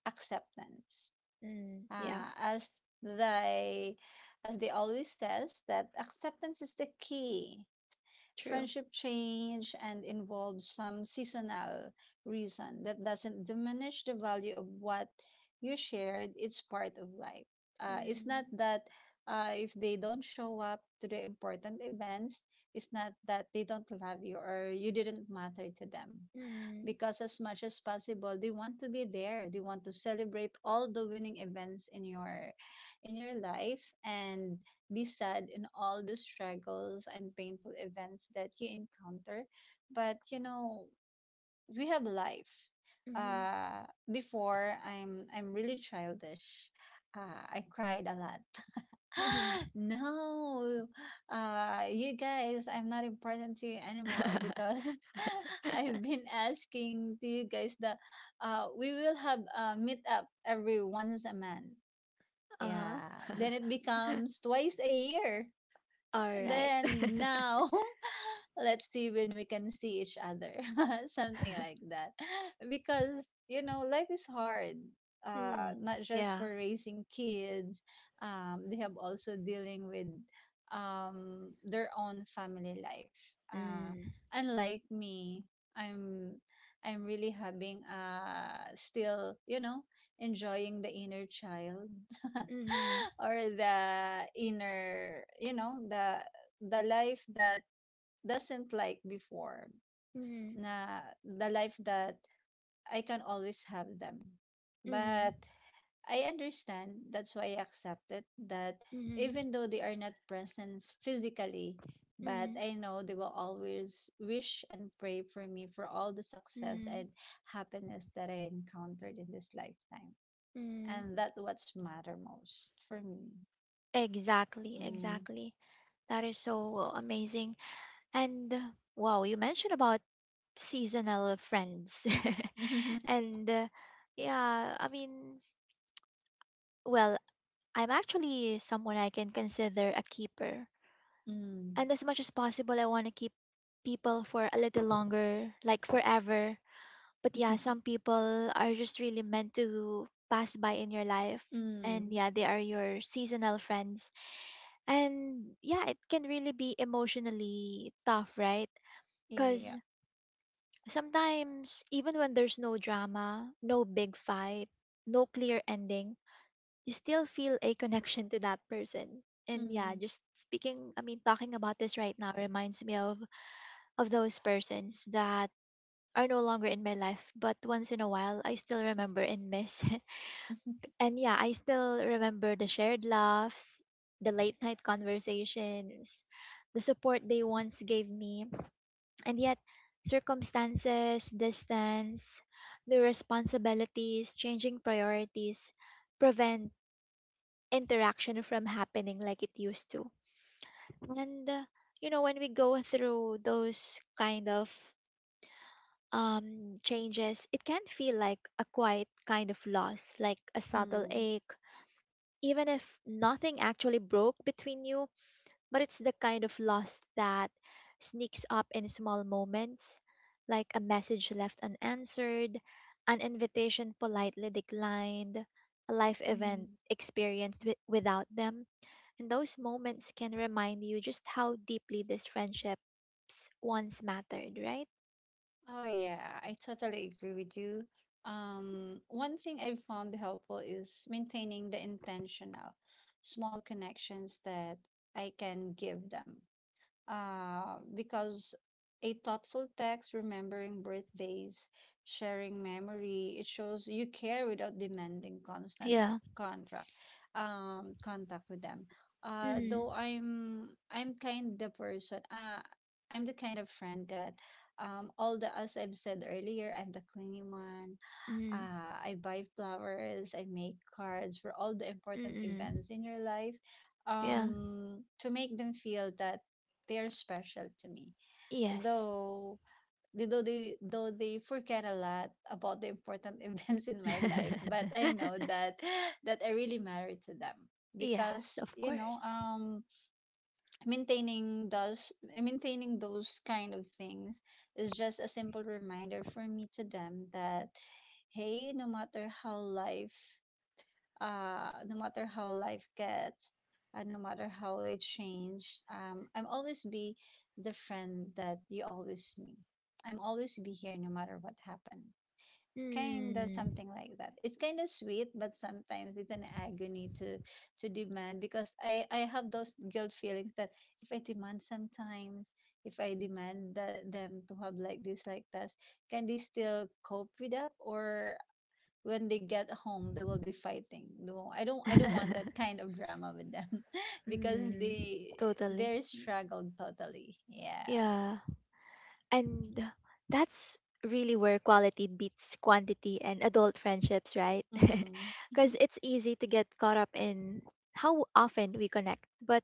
Speaker 2: acceptance.
Speaker 1: mm, yeah,
Speaker 2: Uh, as they as they always says that acceptance is the key.
Speaker 1: true.
Speaker 2: Friendship change and involves some seasonal reason that doesn't diminish the value of what you shared. It's part of life. It's not
Speaker 1: Mm,
Speaker 2: that if they don't show up to the important events, it's not that they don't love you or you didn't matter to them,
Speaker 1: mm,
Speaker 2: because as much as possible they want to be there, they want to celebrate all the winning events in your life, and be sad in all the struggles and painful events that you encounter. But you know, we have life.
Speaker 1: mm,
Speaker 2: uh Before, I'm really childish, I cried a lot.
Speaker 1: mm.
Speaker 2: No, you guys, I'm not important to you anymore, because I've been asking to you guys that we will have a meetup every once a month.
Speaker 1: Uh-huh.
Speaker 2: Yeah, then it becomes twice a year.
Speaker 1: All right.
Speaker 2: Then now let's see when we can see each other. Something like that, because you know life is hard,
Speaker 1: Mm,
Speaker 2: not just for
Speaker 1: yeah.
Speaker 2: raising kids. They have also dealing with their own family life. uh
Speaker 1: Mm,
Speaker 2: Unlike me, i'm I'm really having still, you know, enjoying the inner child.
Speaker 1: mm,
Speaker 2: Or the inner, you know, the life that doesn't like before.
Speaker 1: mm, mm,
Speaker 2: Na, the life that I can always have them. But I understand, that's why I accepted that
Speaker 1: mm, mm,
Speaker 2: even though they are not present physically, but I know they will always wish and pray for me for all the success
Speaker 1: mm,
Speaker 2: and happiness that I encountered in this lifetime.
Speaker 1: mm.
Speaker 2: And that's what's matter most for me.
Speaker 1: Exactly,
Speaker 2: Mm.
Speaker 1: exactly. That is so amazing. And wow, you mentioned about seasonal friends. And yeah, I mean, well, I'm actually someone I can consider a keeper.
Speaker 2: Mm.
Speaker 1: And as much as possible, I want to keep people for a little longer, like forever. But yeah, some people are just really meant to pass by in your life. And
Speaker 2: Mm.
Speaker 1: yeah, they are your seasonal friends. And yeah, it can really be emotionally tough, right?
Speaker 2: Yeah.
Speaker 1: Because sometimes, even when there's no drama, no big fight, no clear ending, you still feel a connection to that person. And yeah,
Speaker 2: Mm.
Speaker 1: just speaking, I mean, talking about this right now reminds me of those persons that are no longer in my life, but once in a while I still remember and miss. And yeah, I still remember the shared laughs, the late night conversations, the support they once gave me, and yet, circumstances, distance, new responsibilities, changing priorities prevent interaction from happening like it used to. And, you know, when we go through those kind of changes, it can feel like a quiet kind of loss, like a subtle
Speaker 2: Mm,
Speaker 1: ache. Even if nothing actually broke between you, but it's the kind of loss that sneaks up in small moments, like a message left unanswered, an invitation politely declined, a life
Speaker 2: mm.
Speaker 1: event experienced without them. And those moments can remind you just how deeply these friendships once mattered, right?
Speaker 2: Oh yeah, I totally agree with you. One thing I've found helpful is maintaining the intentional small connections that I can give them. Because a thoughtful text, remembering birthdays, sharing memory, it shows you care without demanding constant
Speaker 1: Yeah.
Speaker 2: contract, contact with them. Uh,
Speaker 1: Mm,
Speaker 2: though I'm I'm kind the person. I'm the kind of friend that, all the, as I've said earlier, I'm the clingy one.
Speaker 1: mm,
Speaker 2: I buy flowers, I make cards for all the important
Speaker 1: mm,
Speaker 2: events in your life,
Speaker 1: yeah.
Speaker 2: to make them feel that they're special to me.
Speaker 1: Yes.
Speaker 2: Though though they forget a lot about the important events in my life, but I know that that I really matter to them,
Speaker 1: Yes,
Speaker 2: because
Speaker 1: of
Speaker 2: you know
Speaker 1: course.
Speaker 2: maintaining those maintaining those kind of things is just a simple reminder for me to them that hey, no matter how life no matter how life gets, no matter how it change, I'm always be the friend that you always knew, I'm always be here no matter what happened. Kind of
Speaker 1: Mm.
Speaker 2: something like that. It's kind of sweet, but sometimes it's an agony to demand because I have those guilt feelings that if I demand sometimes, if I demand the, them to have like this like that, can they still cope with that, or when they get home they will be fighting? No, I don't want that kind of drama with them. Because
Speaker 1: Mm,
Speaker 2: they
Speaker 1: totally.
Speaker 2: they're struggled totally. Yeah.
Speaker 1: Yeah, and that's really where quality beats quantity and adult friendships, right?
Speaker 2: Mm.
Speaker 1: Because it's easy to get caught up in how often we connect. But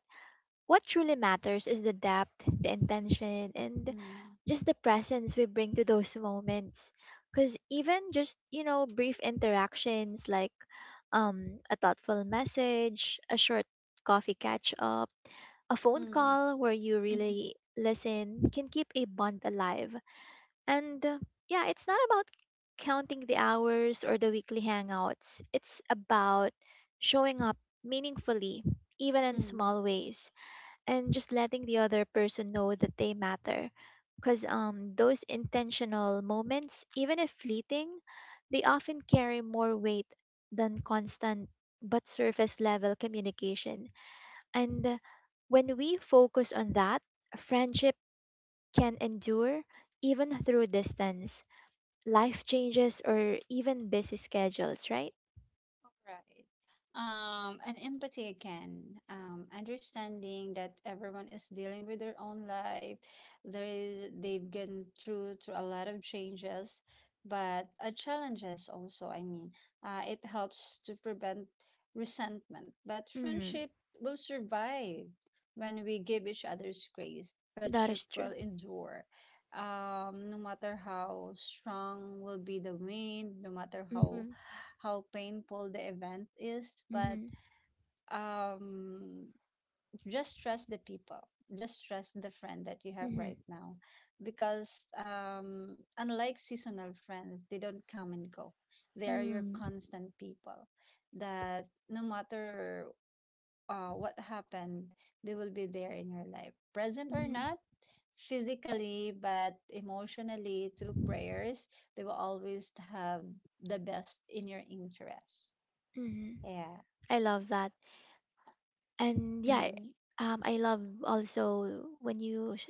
Speaker 1: what truly matters is the depth, the intention, and
Speaker 2: Mm.
Speaker 1: just the presence we bring to those moments. Because even just, you know, brief interactions like a thoughtful message, a short coffee catch up, a phone
Speaker 2: Mm.
Speaker 1: call where you
Speaker 2: Mm.
Speaker 1: really listen can keep a bond alive. And yeah, it's not about counting the hours or the weekly hangouts, it's about showing up meaningfully, even in
Speaker 2: Mm.
Speaker 1: small ways, and just letting the other person know that they matter. Because those intentional moments, even if fleeting, they often carry more weight than constant but surface level communication. And when we focus on that, friendship can endure even through distance, life changes, or even busy schedules, right?
Speaker 2: Right. And empathy again, understanding that everyone is dealing with their own life. There is they've gone through a lot of changes, but challenges also. It helps to prevent resentment. But
Speaker 1: Mm,
Speaker 2: friendship will survive when we give each other's grace.
Speaker 1: that
Speaker 2: Friendship
Speaker 1: is true.
Speaker 2: will endure. No matter how strong will be the wind, no matter how
Speaker 1: Mm-hmm,
Speaker 2: how painful the event is, but
Speaker 1: mm-hmm,
Speaker 2: um, just trust the people. Just trust the friend that you have
Speaker 1: mm-hmm,
Speaker 2: right now, because unlike seasonal friends, they don't come and go. They are your
Speaker 1: mm,
Speaker 2: constant people. That no matter what happened, they will be there in your life, present or
Speaker 1: mm-hmm,
Speaker 2: not, physically but emotionally through prayers. They will always have the best in your interest.
Speaker 1: mm-hmm.
Speaker 2: Yeah.
Speaker 1: I love that. And yeah,
Speaker 2: 嗯
Speaker 1: I love also when you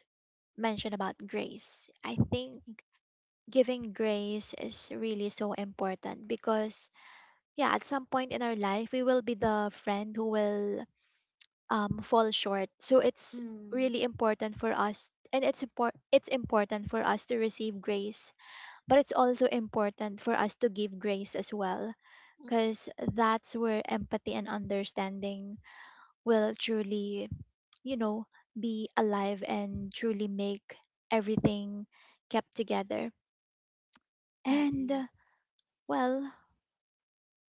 Speaker 1: mentioned about grace. I think giving grace is really so important because yeah, at some point in our life we will be the friend who will fall short. So it's
Speaker 2: 嗯
Speaker 1: really important for us, and it's important for us to receive grace, but it's also important for us to give grace as well,
Speaker 2: 嗯
Speaker 1: because that's where empathy and understanding will truly, you know, be alive and truly make everything kept together.
Speaker 2: 嗯嗯
Speaker 1: And
Speaker 2: 嗯
Speaker 1: well,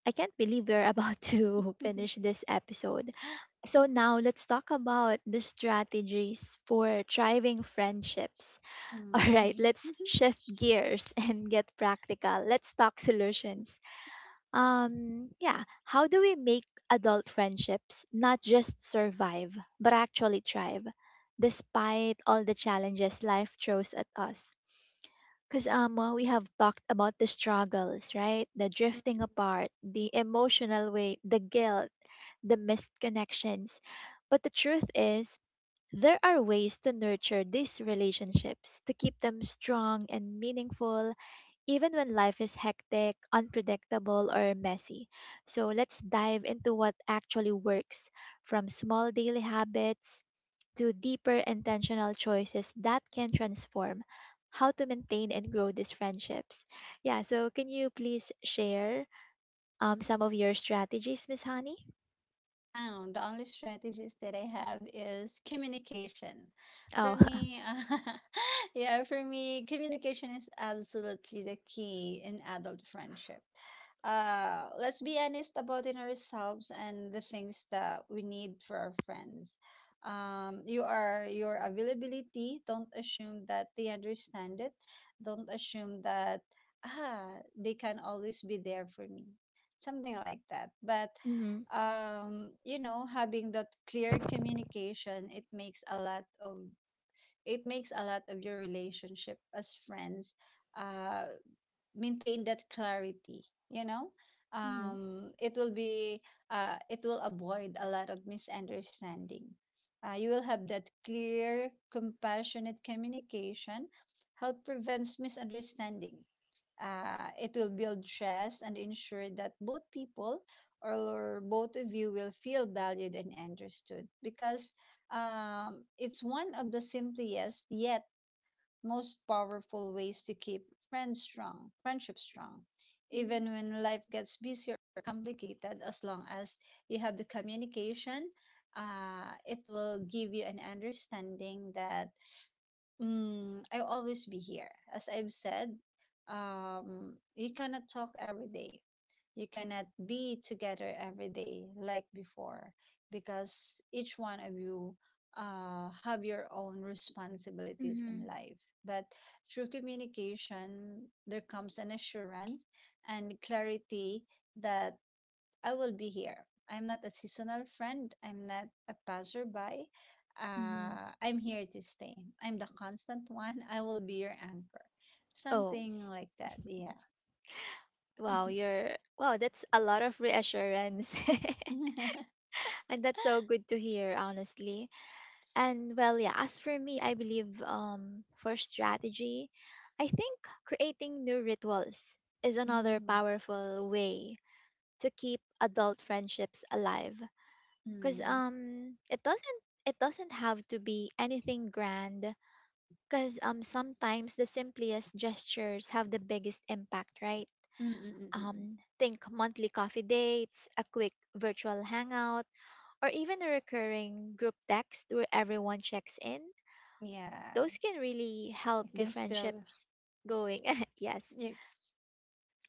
Speaker 1: I can't believe we're about
Speaker 2: 嗯，
Speaker 1: to
Speaker 2: 嗯嗯
Speaker 1: finish this episode. So now let's talk about the strategies for thriving friendships. All
Speaker 2: 嗯
Speaker 1: right,
Speaker 2: 嗯
Speaker 1: let's
Speaker 2: 嗯嗯
Speaker 1: shift gears and get practical. Let's talk solutions. Yeah, how do we make adult friendships not just survive, but actually thrive, despite all the challenges life throws at us? Because we have talked about the struggles, right? The drifting apart, the emotional weight, the guilt, the missed connections. But the truth is, there are ways to nurture these relationships, to keep them strong and meaningful even when life is hectic, unpredictable, or messy. So let's dive into what actually works, from small daily habits to deeper intentional choices that can transform how to maintain and grow these friendships. Yeah, so can you please share some of your strategies, Miss Honey?
Speaker 2: The only strategies that I have is communication. For
Speaker 1: Oh,
Speaker 2: me, yeah, for me, communication is absolutely the key in adult friendship. Let's be honest about in ourselves and the things that we need for our friends. You are your availability. Don't assume that they understand it. Don't assume that they can always be there for me. Something like that. But
Speaker 1: Mm-hmm.
Speaker 2: you know having that clear communication it makes a lot of it makes a lot of your relationship as friends uh maintain that clarity you know it will be it will avoid a lot of misunderstanding, you will have that clear compassionate communication help prevents misunderstanding. It will build trust and ensure that both people or both of you will feel valued and understood because it's one of the simplest yet most powerful ways to keep friends strong, friendship strong. Even
Speaker 1: Mm-hmm.
Speaker 2: when life gets busier or complicated, as long as you have the communication, it will give you an understanding that Mm, I'll always be here. As I've said, you cannot talk every day. You cannot be together every day like before because each one of you have your own responsibilities in
Speaker 1: Hmm.
Speaker 2: life. But through communication, there comes an assurance and clarity that I will be here. I'm not a seasonal friend. I'm not a passerby.
Speaker 1: Hmm.
Speaker 2: I'm here to stay. I'm the constant one. I will be your anchor.
Speaker 1: Oh,
Speaker 2: Something like that. Yeah.
Speaker 1: wow, that's a lot of reassurance. And that's so good to hear, honestly. And well, yeah, as for me, I believe for strategy, I think creating new rituals is another
Speaker 2: Mm,
Speaker 1: powerful way to keep adult friendships alive.
Speaker 2: mm,
Speaker 1: Cause
Speaker 2: mm,
Speaker 1: it doesn't have to be anything grand. Cause sometimes the simplest gestures have the biggest impact, right?
Speaker 2: mm, mm, mm.
Speaker 1: Think monthly coffee dates, a quick virtual hangout, or even a recurring group text where everyone checks in,
Speaker 2: Yeah,
Speaker 1: those can really help
Speaker 2: you
Speaker 1: the
Speaker 2: can still
Speaker 1: friendships going. Yes.
Speaker 2: you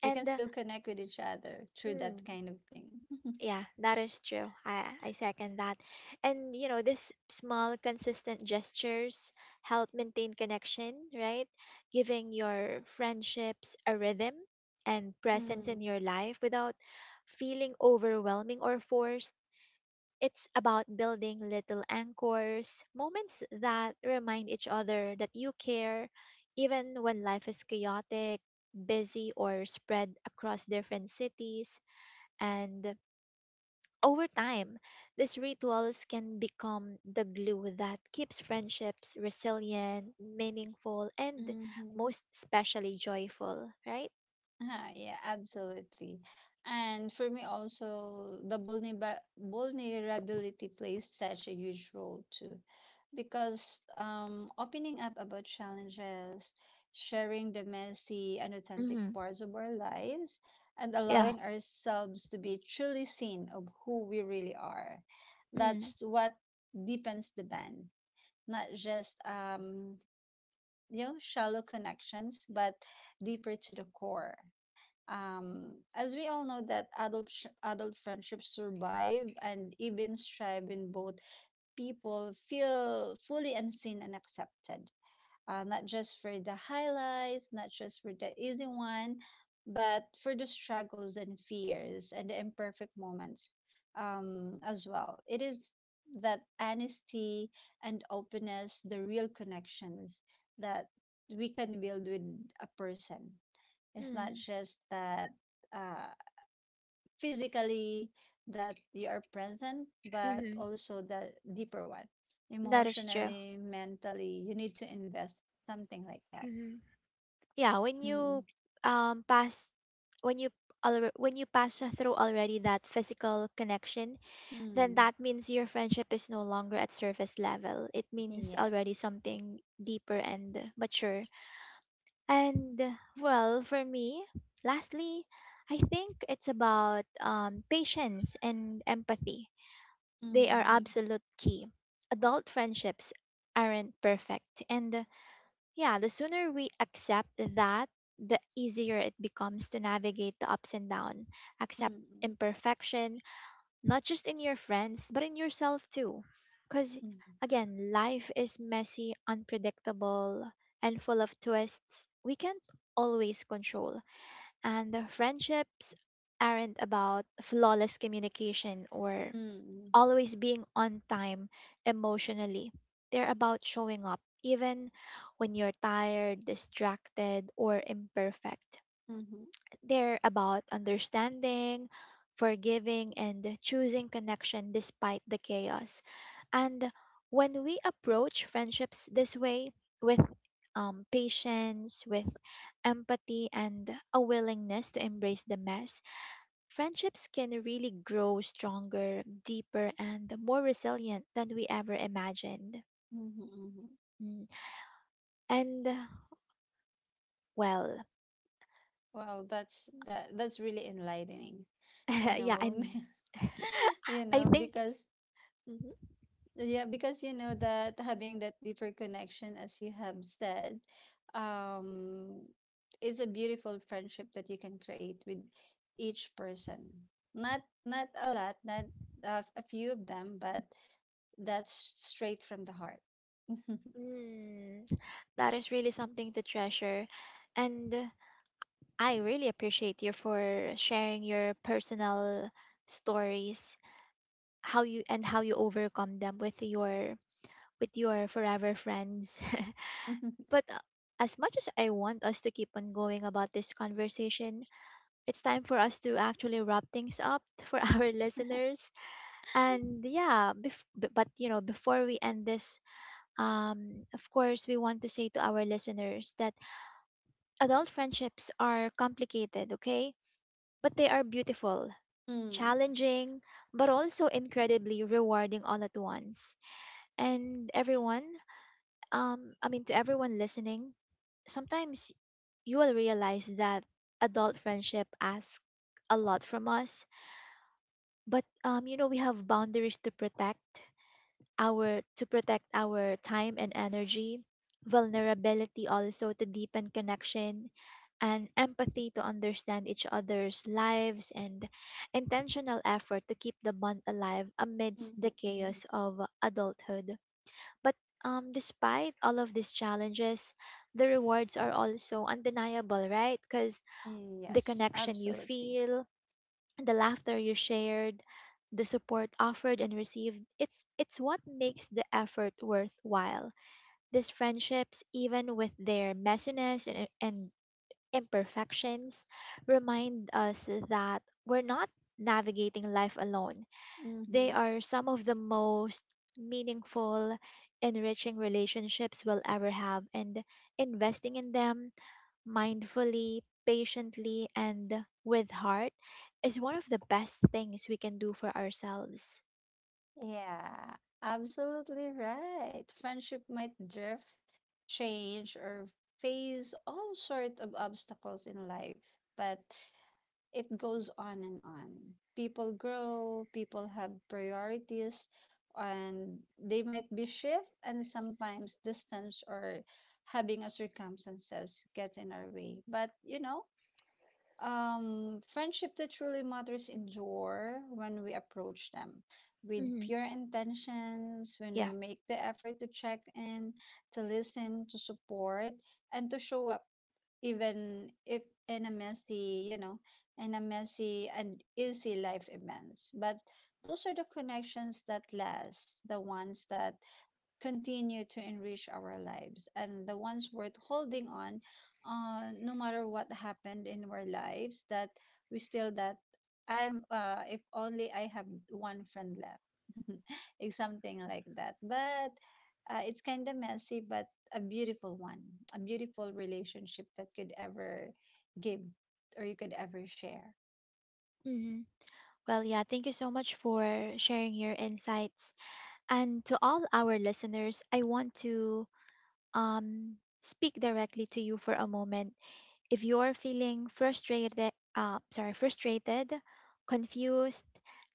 Speaker 2: you can
Speaker 1: And
Speaker 2: still connect with each other through that
Speaker 1: mm,
Speaker 2: kind of thing.
Speaker 1: yeah, that is true. I second that. And you know, these small, consistent gestures help maintain connection, right? Giving your friendships a rhythm and presence in
Speaker 2: mm,
Speaker 1: your life without feeling overwhelming or forced. It's about building little anchors, moments that remind each other that you care, even when life is chaotic, busy, or spread across different cities. And over time, these rituals can become the glue that keeps friendships resilient, meaningful, and
Speaker 2: mm-hmm.
Speaker 1: most especially joyful, right?
Speaker 2: Huh, yeah, absolutely. And for me also, the vulnerability plays such a huge role too, because opening up about challenges, sharing the messy and authentic
Speaker 1: Mm-hmm.
Speaker 2: parts of our lives, and
Speaker 1: Yeah.
Speaker 2: allowing ourselves to be truly seen of who we really are.
Speaker 1: Mm,
Speaker 2: That's what deepens the band, not just shallow connections, but deeper to the core. As we all know that adult friendships survive and even thrive when both people feel fully unseen and accepted. Not just for the highlights, not just for the easy one, but for the struggles and fears and the imperfect moments as well. It is that honesty and openness, the real connections that we can build with a person, it's not
Speaker 1: mm,
Speaker 2: just that uh, physically that you are present, but
Speaker 1: mm-hmm.
Speaker 2: also the deeper one,
Speaker 1: That is true.
Speaker 2: emotionally, mentally. You need to invest something like that.
Speaker 1: Mhm. Yeah, when you
Speaker 2: Mm,
Speaker 1: pass, when you when you pass through already that physical connection, then
Speaker 2: mm,
Speaker 1: that means your friendship is no longer at surface level, it means
Speaker 2: yes.
Speaker 1: already something deeper and mature. And well, for me, lastly, I think it's about patience and empathy. They are
Speaker 2: Mm,
Speaker 1: absolute key. Adult friendships aren't perfect, and yeah, the sooner we accept that, the easier it becomes to navigate the ups and downs. Accept
Speaker 2: mm,
Speaker 1: imperfection, not just in your friends, but in yourself too. Because, again, life is messy, unpredictable, and full of twists we can't always control. And the friendships aren't about flawless communication or
Speaker 2: mm,
Speaker 1: always being on time emotionally. They're about showing up even when you're tired, distracted, or imperfect.
Speaker 2: mm,
Speaker 1: They're about understanding, forgiving, and choosing connection despite the chaos. And when we approach friendships this way, with patience, with empathy, and a willingness to embrace the mess, friendships can really grow stronger, deeper, and more resilient than we ever imagined.
Speaker 2: mm, mm.
Speaker 1: Mm. And, well,
Speaker 2: Well, that's that. That's really enlightening, you
Speaker 1: yeah,
Speaker 2: know.
Speaker 1: and
Speaker 2: you
Speaker 1: I
Speaker 2: know,
Speaker 1: think
Speaker 2: because
Speaker 1: Mhm.
Speaker 2: Yeah, because you know that having that deeper connection, as you have said, um, is a beautiful friendship that you can create with each person. Not a lot, not a few of them, but that's straight from the heart.
Speaker 1: Mm, that is really something to treasure. And I really appreciate you for sharing your personal stories, how you overcome them with your forever friends. But as much as I want us to keep on going about this conversation, it's time for us to actually wrap things up for our listeners. And yeah, but you know, before we end this, of course, we want to say to our listeners that adult friendships are complicated, okay? But they are beautiful,
Speaker 2: Mm, mhm,
Speaker 1: challenging, but also incredibly rewarding all at once. And I mean, to everyone listening, sometimes you will realize that adult friendship asks a lot from us, but you know, we have boundaries to protect our time and energy, vulnerability also to deepen connection, and empathy to understand each other's lives, and intentional effort to keep the bond alive amidst the
Speaker 2: mhm,
Speaker 1: chaos of adulthood, but despite all of these challenges, the rewards are also undeniable, right? Because
Speaker 2: mhm.
Speaker 1: the
Speaker 2: Yes,
Speaker 1: connection you
Speaker 2: absolutely.
Speaker 1: feel, the laughter you shared, the support offered and received, it's what makes the effort worthwhile. These friendships, even with their messiness and imperfections, remind us that we're not navigating life alone. They
Speaker 2: Mm-hmm.
Speaker 1: are some of the most meaningful, enriching relationships we'll ever have, and investing in them mindfully, patiently, and with heart is one of the best things we can do for ourselves.
Speaker 2: Yeah, absolutely right. Friendship might drift, change, or face all sorts of obstacles in life, but it goes on and on. People grow, people have priorities, and they might be shift, and sometimes distance or having a circumstances gets in our way. But you know, friendship that truly matters endure when we approach them with
Speaker 1: Hmm.
Speaker 2: pure intentions, when we
Speaker 1: Yeah.
Speaker 2: make the effort to check in, to listen, to support, and to show up, even if in a messy, you know, in a messy and easy life events. But those are the connections that last, the ones that continue to enrich our lives and the ones worth holding on, no matter what happened in our lives that we still that I'm if only I have one friend left. It's something like that, but it's kind of messy but a beautiful one, a beautiful relationship that could ever give or you could ever share.
Speaker 1: Hmm. Well, yeah, thank you so much for sharing your insights. And to all our listeners, I want to speak directly to you for a moment. If you're feeling frustrated, confused,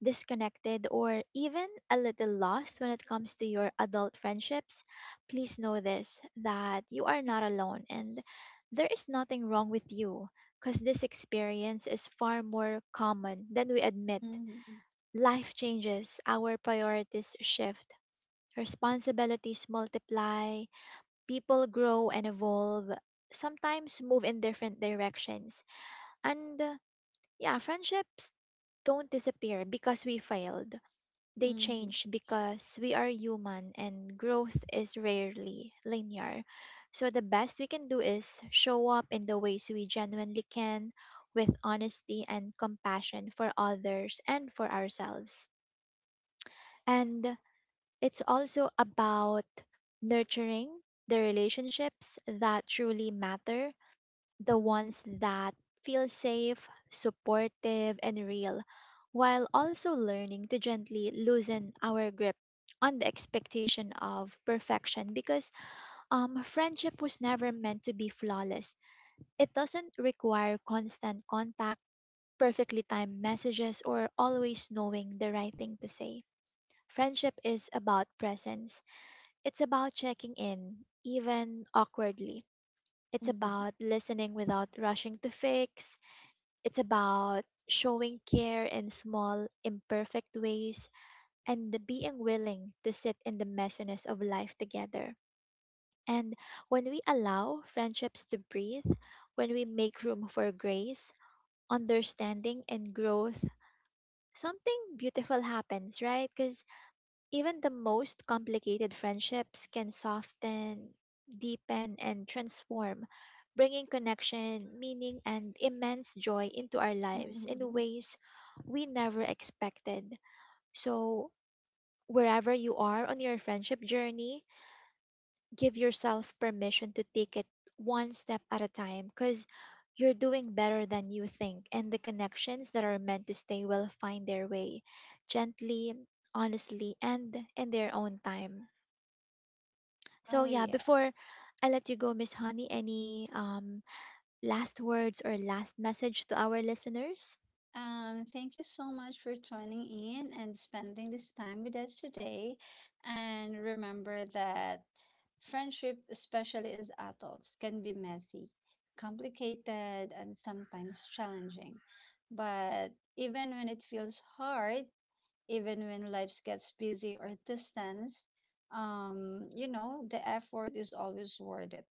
Speaker 1: disconnected, or even a little lost when it comes to your adult friendships, please know this, that you are not alone and there is nothing wrong with you, because this experience is far more common than we admit.
Speaker 2: Hmm
Speaker 1: Life changes, our priorities shift, responsibilities multiply, people grow and evolve, sometimes move in different directions, and yeah, friendships don't disappear because we failed. They
Speaker 2: hmm
Speaker 1: change because we are human and growth is rarely linear. So the best we can do is show up in the ways we genuinely can, with honesty and compassion for others and for ourselves. And it's also about nurturing the relationships that truly matter, the
Speaker 2: hmm
Speaker 1: ones that feel safe, supportive, and real, while also learning to gently loosen our grip on the expectation of perfection, because friendship was never meant to be flawless. It doesn't require constant contact, perfectly timed messages, or always knowing the right thing to say. Friendship is about presence, it's about checking in, even awkwardly. It's
Speaker 2: hmm
Speaker 1: about listening without rushing to fix, it's about showing care in small, imperfect ways, and the being willing to sit in the messiness of life together. And when we allow friendships to breathe, when we make room for grace, understanding, and growth, something beautiful happens, right? Because even the most complicated friendships can soften, deepen, and transform, bringing connection, meaning, and immense joy into our lives in
Speaker 2: hmm.
Speaker 1: ways we never expected. So, wherever you are on your friendship journey, give yourself permission to take it one step at a time, because you're doing better than you think, and the connections that are meant to stay will find their way gently, honestly, and in their own time. So
Speaker 2: Oh
Speaker 1: yeah,
Speaker 2: yeah.
Speaker 1: before I let you go, Miss Honey, any last words or last message to our listeners?
Speaker 2: Thank you so much for joining in and spending this time with us today. And remember that friendship, especially as adults, can be messy, complicated, and sometimes challenging. But even when it feels hard, even when life gets busy or distant, you know, the effort is always worth it.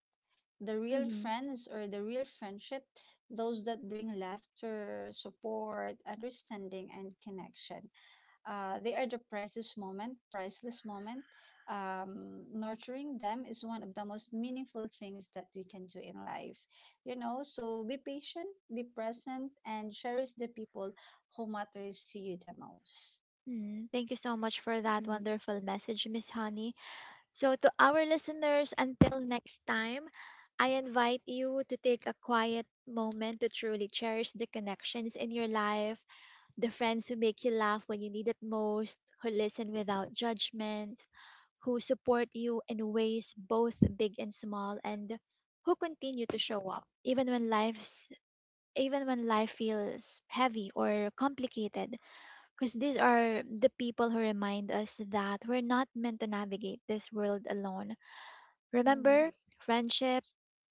Speaker 2: The real
Speaker 1: Mm-hmm.
Speaker 2: friends or the real friendship, those that bring laughter, support, understanding, and connection. They are the priceless moment, priceless moment. Nurturing them is one of the most meaningful things that we can do in life. You know, so be patient, be present, and cherish the people who matters to you the most.
Speaker 1: Mm, thank you so much for that
Speaker 2: Mm,
Speaker 1: wonderful message, Miss Honey. So, to our listeners, until next time, I invite you to take a quiet moment to truly cherish the connections in your life, the friends who make you laugh when you need it most, who listen without judgment, who support you in ways both big and small, and who continue to show up even when life's even when life feels heavy or complicated, because these are the people who remind us that we're not meant to navigate this world alone. Remember,
Speaker 2: mm.
Speaker 1: friendship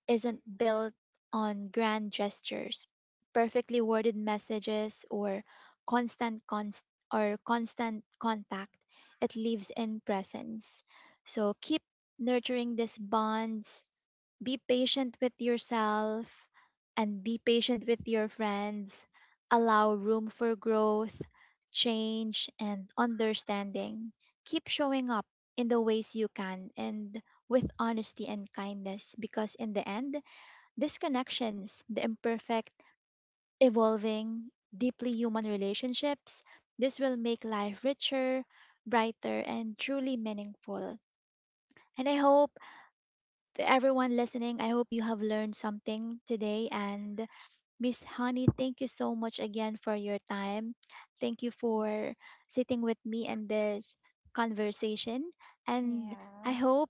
Speaker 1: isn't built on grand gestures, perfectly worded messages, or constant const- or constant contact. It lives in presence. So keep nurturing these bonds. Be patient with yourself and be patient with your friends. Allow room for growth, change, and understanding. Keep showing up in the ways you can, and with honesty and kindness, because in the end these connections, the imperfect, evolving, deeply human relationships, this will make life richer, brighter, and truly meaningful. And I hope to everyone listening, I hope you have learned something today. And Miss Honey, thank you so much again for your time. Thank you for sitting with me in this conversation. And I
Speaker 2: Yeah.
Speaker 1: hope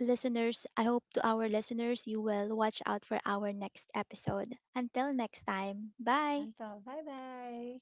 Speaker 1: listeners, I hope to our listeners you will watch out for our next episode. Until next time, bye.
Speaker 2: Until bye bye.